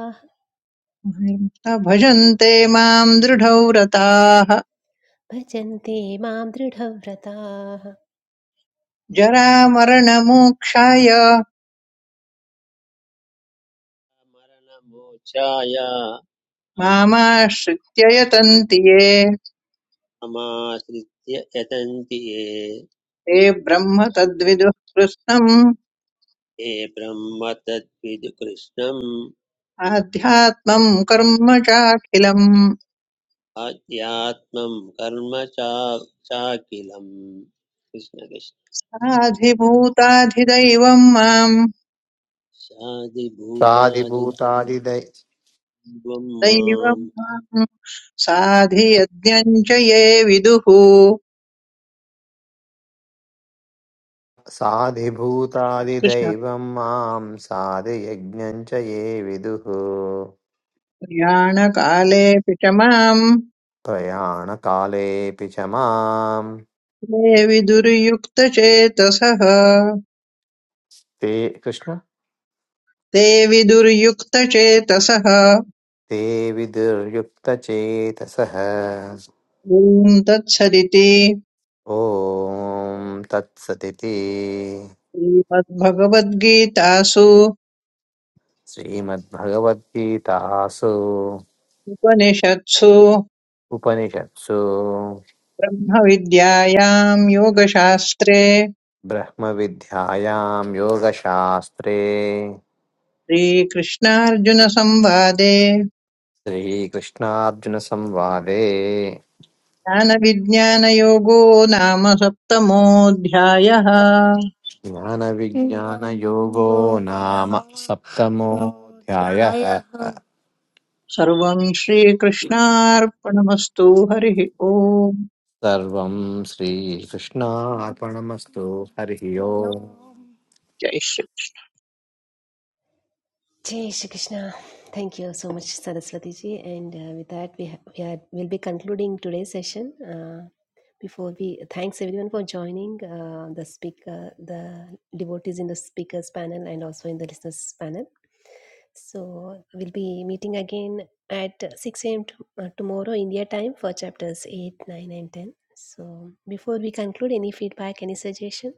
[SPEAKER 4] निर्मुक्ता भजन्ते मां दृढव्रताः
[SPEAKER 3] भजन्ते मां दृढव्रताः
[SPEAKER 4] जरामरणमोक्षाय
[SPEAKER 2] मरणमोक्षाय
[SPEAKER 4] मामाश्रित्य यतन्ति ये
[SPEAKER 2] समाश्रित्य यतन्ति ये
[SPEAKER 4] ते ब्रह्म तद्विदुः कृत्स्नम्
[SPEAKER 2] ये ब्रह्म तद्विदु कृष्णम्
[SPEAKER 4] आध्यात्मम् कर्म चाखिलम्
[SPEAKER 2] आध्यात्मम् कर्म चा चाखिलम् कृष्णकृष्ण
[SPEAKER 4] आधिभूताधिदैवम् माम्
[SPEAKER 2] शादिभूतादिद्वम्
[SPEAKER 6] साधिभूतादिदै
[SPEAKER 4] दैवम्
[SPEAKER 2] माम्
[SPEAKER 4] माम् साधियज्ञम् च ये विदुः कृष्ण
[SPEAKER 6] साधिभूतादिदैवं मां साधियज्ञं च ये विदुः
[SPEAKER 4] प्रयाणकालेऽपि च माम्
[SPEAKER 6] प्रयाणकालेऽपि च मां
[SPEAKER 4] ते विदुर्युक्तचेतसः
[SPEAKER 6] ते कृष्ण
[SPEAKER 4] ते विदुर्युक्तचेतसः
[SPEAKER 6] ते विदुर्युक्तचेतसः
[SPEAKER 4] ॐ तत्सदिति
[SPEAKER 6] ॐ तत्सदिति
[SPEAKER 4] श्रीमद्भगवद्गीतासु
[SPEAKER 6] श्रीमद्भगवद्गीतासु
[SPEAKER 4] उपनिषत्सु
[SPEAKER 6] उपनिषत्सु
[SPEAKER 4] ब्रह्मविद्यायां योगशास्त्रे
[SPEAKER 6] ब्रह्मविद्यायां योगशास्त्रे
[SPEAKER 4] श्रीकृष्णार्जुनसंवादे
[SPEAKER 6] श्रीकृष्णार्जुनसंवादे
[SPEAKER 4] ज्ञानविज्ञानयोगो नाम सप्तमोऽध्यायः
[SPEAKER 6] ज्ञानविज्ञानयोगो नाम सप्तमोऽध्यायः
[SPEAKER 4] सर्वं श्रीकृष्णार्पणमस्तु हरिः ओम्
[SPEAKER 6] Sarvam Sri Krishna श्रीकृष्णार्पणमस्तु हरिः ओम्
[SPEAKER 4] जय श्री जय
[SPEAKER 3] Jai Shri Krishna. Thank you so much, Saraswati ji. And uh, with that, we, ha- we are, will be concluding today's session. Uh, before we thanks everyone for joining uh, the speaker, the devotees in the speakers panel and also in the listeners panel. So we'll be meeting again at 6 a.m. uh, tomorrow India time for chapters 8, 9, and 10. So before we conclude, any feedback, any suggestion?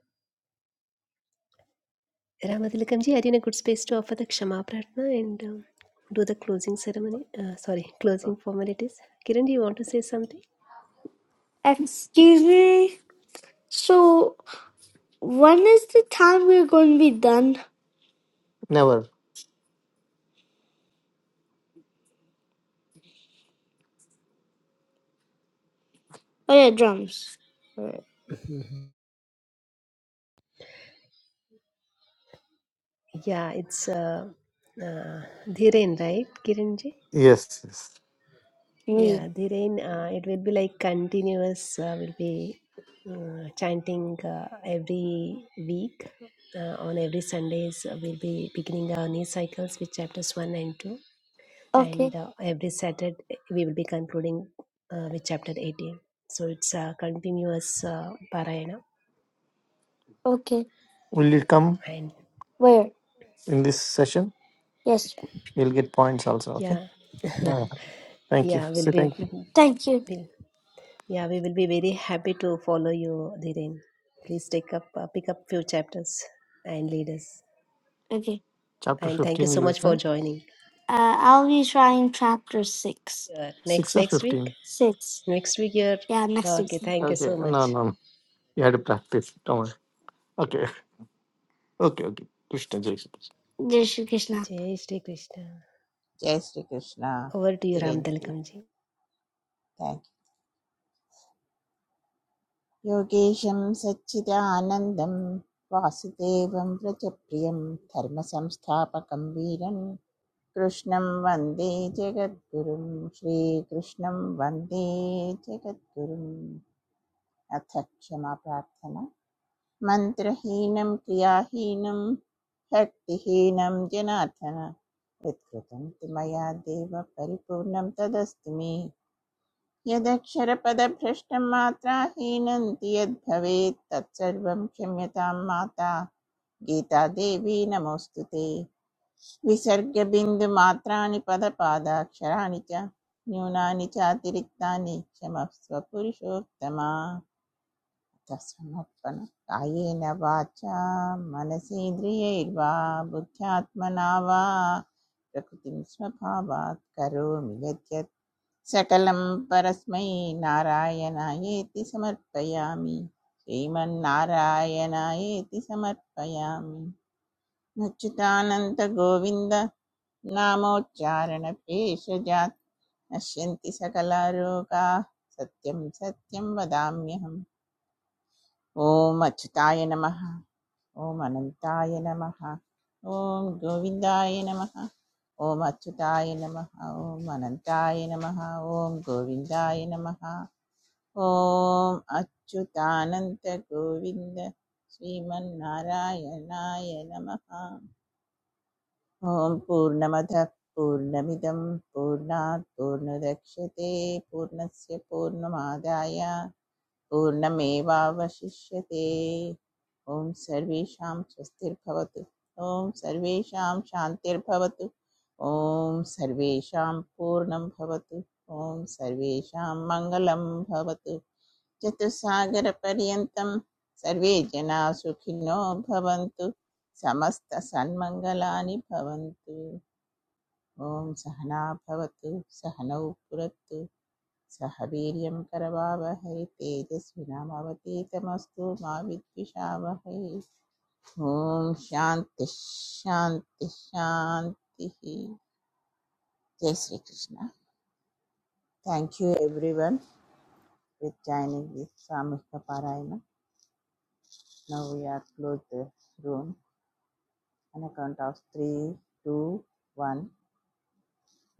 [SPEAKER 3] Ramatilakam ji, I in a good space to offer the Kshama Pratna and um, do the closing ceremony. Uh, sorry, closing formalities. Kiran, do you want to say something?
[SPEAKER 6] Excuse me. So, when is the time we're going to be done? Never. Oh, yeah, drums.
[SPEAKER 3] Yeah, it's uh, uh, Dhiren, right, Kiran ji?
[SPEAKER 6] Yes, yes. Me.
[SPEAKER 3] Yeah, Dhiren, uh, it will be like continuous, uh, will be uh, chanting uh, every week. Uh, on every Sundays, uh, we'll be beginning our new cycles with chapters 1 and 2.
[SPEAKER 6] Okay,
[SPEAKER 3] and uh, every Saturday we will be concluding uh, with chapter 18. So it's a continuous uh, parayana,
[SPEAKER 6] okay. Will you come?
[SPEAKER 3] and
[SPEAKER 6] Where? in this session. Yes. You'll get points also. Okay.
[SPEAKER 3] yeah,
[SPEAKER 6] Uh, Thank you.
[SPEAKER 3] yeah, we'll
[SPEAKER 6] Say
[SPEAKER 3] be,
[SPEAKER 6] thank you. Thank you.
[SPEAKER 3] we'll, yeah, we will be very happy to follow you, Dhiren. Please take up, uh, pick up few chapters and lead us.
[SPEAKER 6] Okay. Chapter
[SPEAKER 3] And thank you
[SPEAKER 6] 15,
[SPEAKER 3] so
[SPEAKER 6] you will
[SPEAKER 3] much for
[SPEAKER 6] come.
[SPEAKER 3] joining.
[SPEAKER 6] Uh, I'll be trying chapter 6.
[SPEAKER 3] Sure. Next
[SPEAKER 6] 6 or
[SPEAKER 3] next week,
[SPEAKER 6] 15. 6.
[SPEAKER 3] next week you're
[SPEAKER 6] Yeah,
[SPEAKER 3] uh,
[SPEAKER 6] next week.
[SPEAKER 3] okay. Thank you
[SPEAKER 6] Okay,
[SPEAKER 3] so
[SPEAKER 6] no, no,
[SPEAKER 3] much.
[SPEAKER 6] no. You had to practice. Don't worry. Okay, okay, okay. Krishna, Jai Shri Krishna. Jai Shri Krishna.
[SPEAKER 3] Jai Shri Krishna.
[SPEAKER 7] जय Shrikrishna
[SPEAKER 3] Over to you, Ram
[SPEAKER 7] तिरञ्जी
[SPEAKER 3] Tilakam ji.
[SPEAKER 7] Thank you योगेशं सच्चिदानन्दं वासुदेवं व्रजप्रियं धर्मसंस्थापकं वीरं कृष्णं वन्दे जगद्गुरुं श्रीकृष्णं वन्दे जगद्गुरुम् अथ क्षमा प्रार्थना मन्त्रहीनं क्रियाहीनं शक्तिहीनं जनार्दन यत्कृतं तु मया देव परिपूर्णं तदस्तु मे यदक्षरपदभ्रष्टं मात्राहीनं तु यद्भवेत् तत्सर्वं क्षम्यतां माता गीता देवी नमोऽस्तु ते विसर्गबिन्दुमात्राणि पदपादाक्षराणि च न्यूनानि चातिरिक्तानि क्षमस्व पुरुषोत्तमा समर्पणं कायेन वाचा मनसेन्द्रियैर्वा बुद्ध्यात्मना वा प्रकृतिं स्वभावात् करोमि यद्यत् सकलं परस्मै नारायणायेति समर्पयामि श्रीमन्नारायणायेति समर्पयामि मच्युतानन्दगोविन्द नामोच्चारणभेषजात् नश्यन्ति सकलारोगाः सत्यं सत्यं वदाम्यहम् ॐ अच्युताय नमः ॐ अनन्ताय नमः ॐ गोविन्दाय नमः ॐ अच्युताय नमः ॐ अनन्ताय नमः ॐ गोविन्दाय नमः ॐ अच्युतानन्त गोविन्द श्रीमन्नारायणाय नमः ॐ पूर्णमदः पूर्णमिदं पूर्णात् पूर्णदक्ष्यते पूर्णस्य पूर्णमादाय पूर्णमेवावशिष्यते ॐ सर्वेषां स्वस्तिर्भवतु ॐ सर्वेषां शान्तिर्भवतु ॐ सर्वेषां पूर्णं भवतु ॐ सर्वेषां मङ्गलं भवतु चतुस्सागरपर्यन्तं सर्वे जनाः सुखिनो भवन्तु समस्तसन्मङ्गलानि भवन्तु ॐ सहना भवतु सहनौ पुरतु सह वीर्यं करवावहै तेजस्विनामवतीतमस्तु मा विद्विषावहै ॐ शान्ति शान्ति शान्तिः जय Shrikrishna thank you everyone with joining this Samhika Parayana. Now we are close the room on a count of three, two, one.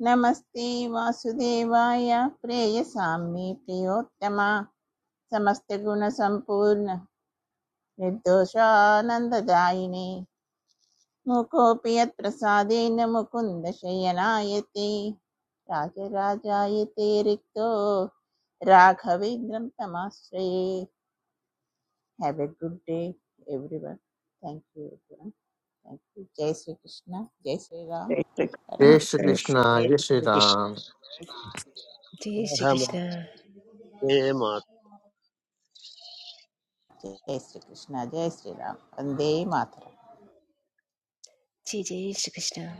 [SPEAKER 7] नमस्ते वासुदेवाय प्रेयसाम्ये प्रियोत्तमा समस्तगुणसम्पूर्ण निर्दोषानन्ददायिने मुकोऽपि यत्प्रसादेन मुकुन्दशयनायते राजराजायते रिक्तो राघवेन्द्रं तमाश्रये have a good day everyone thank you every thank you जय श्रीकृष्ण जय श्रीराम
[SPEAKER 4] श्रीकृष्ण जय
[SPEAKER 6] Jai Shri
[SPEAKER 4] श्रीकृष्ण।
[SPEAKER 6] Krishna,
[SPEAKER 2] जय
[SPEAKER 6] Jai Shri
[SPEAKER 2] Shri Krishna
[SPEAKER 6] Ram.
[SPEAKER 3] Jai Shri Krishna.
[SPEAKER 2] रमते
[SPEAKER 7] जय श्रीकृष्ण जय श्रीराम वन्दे मातरम्
[SPEAKER 3] Ji Jai Shri Krishna.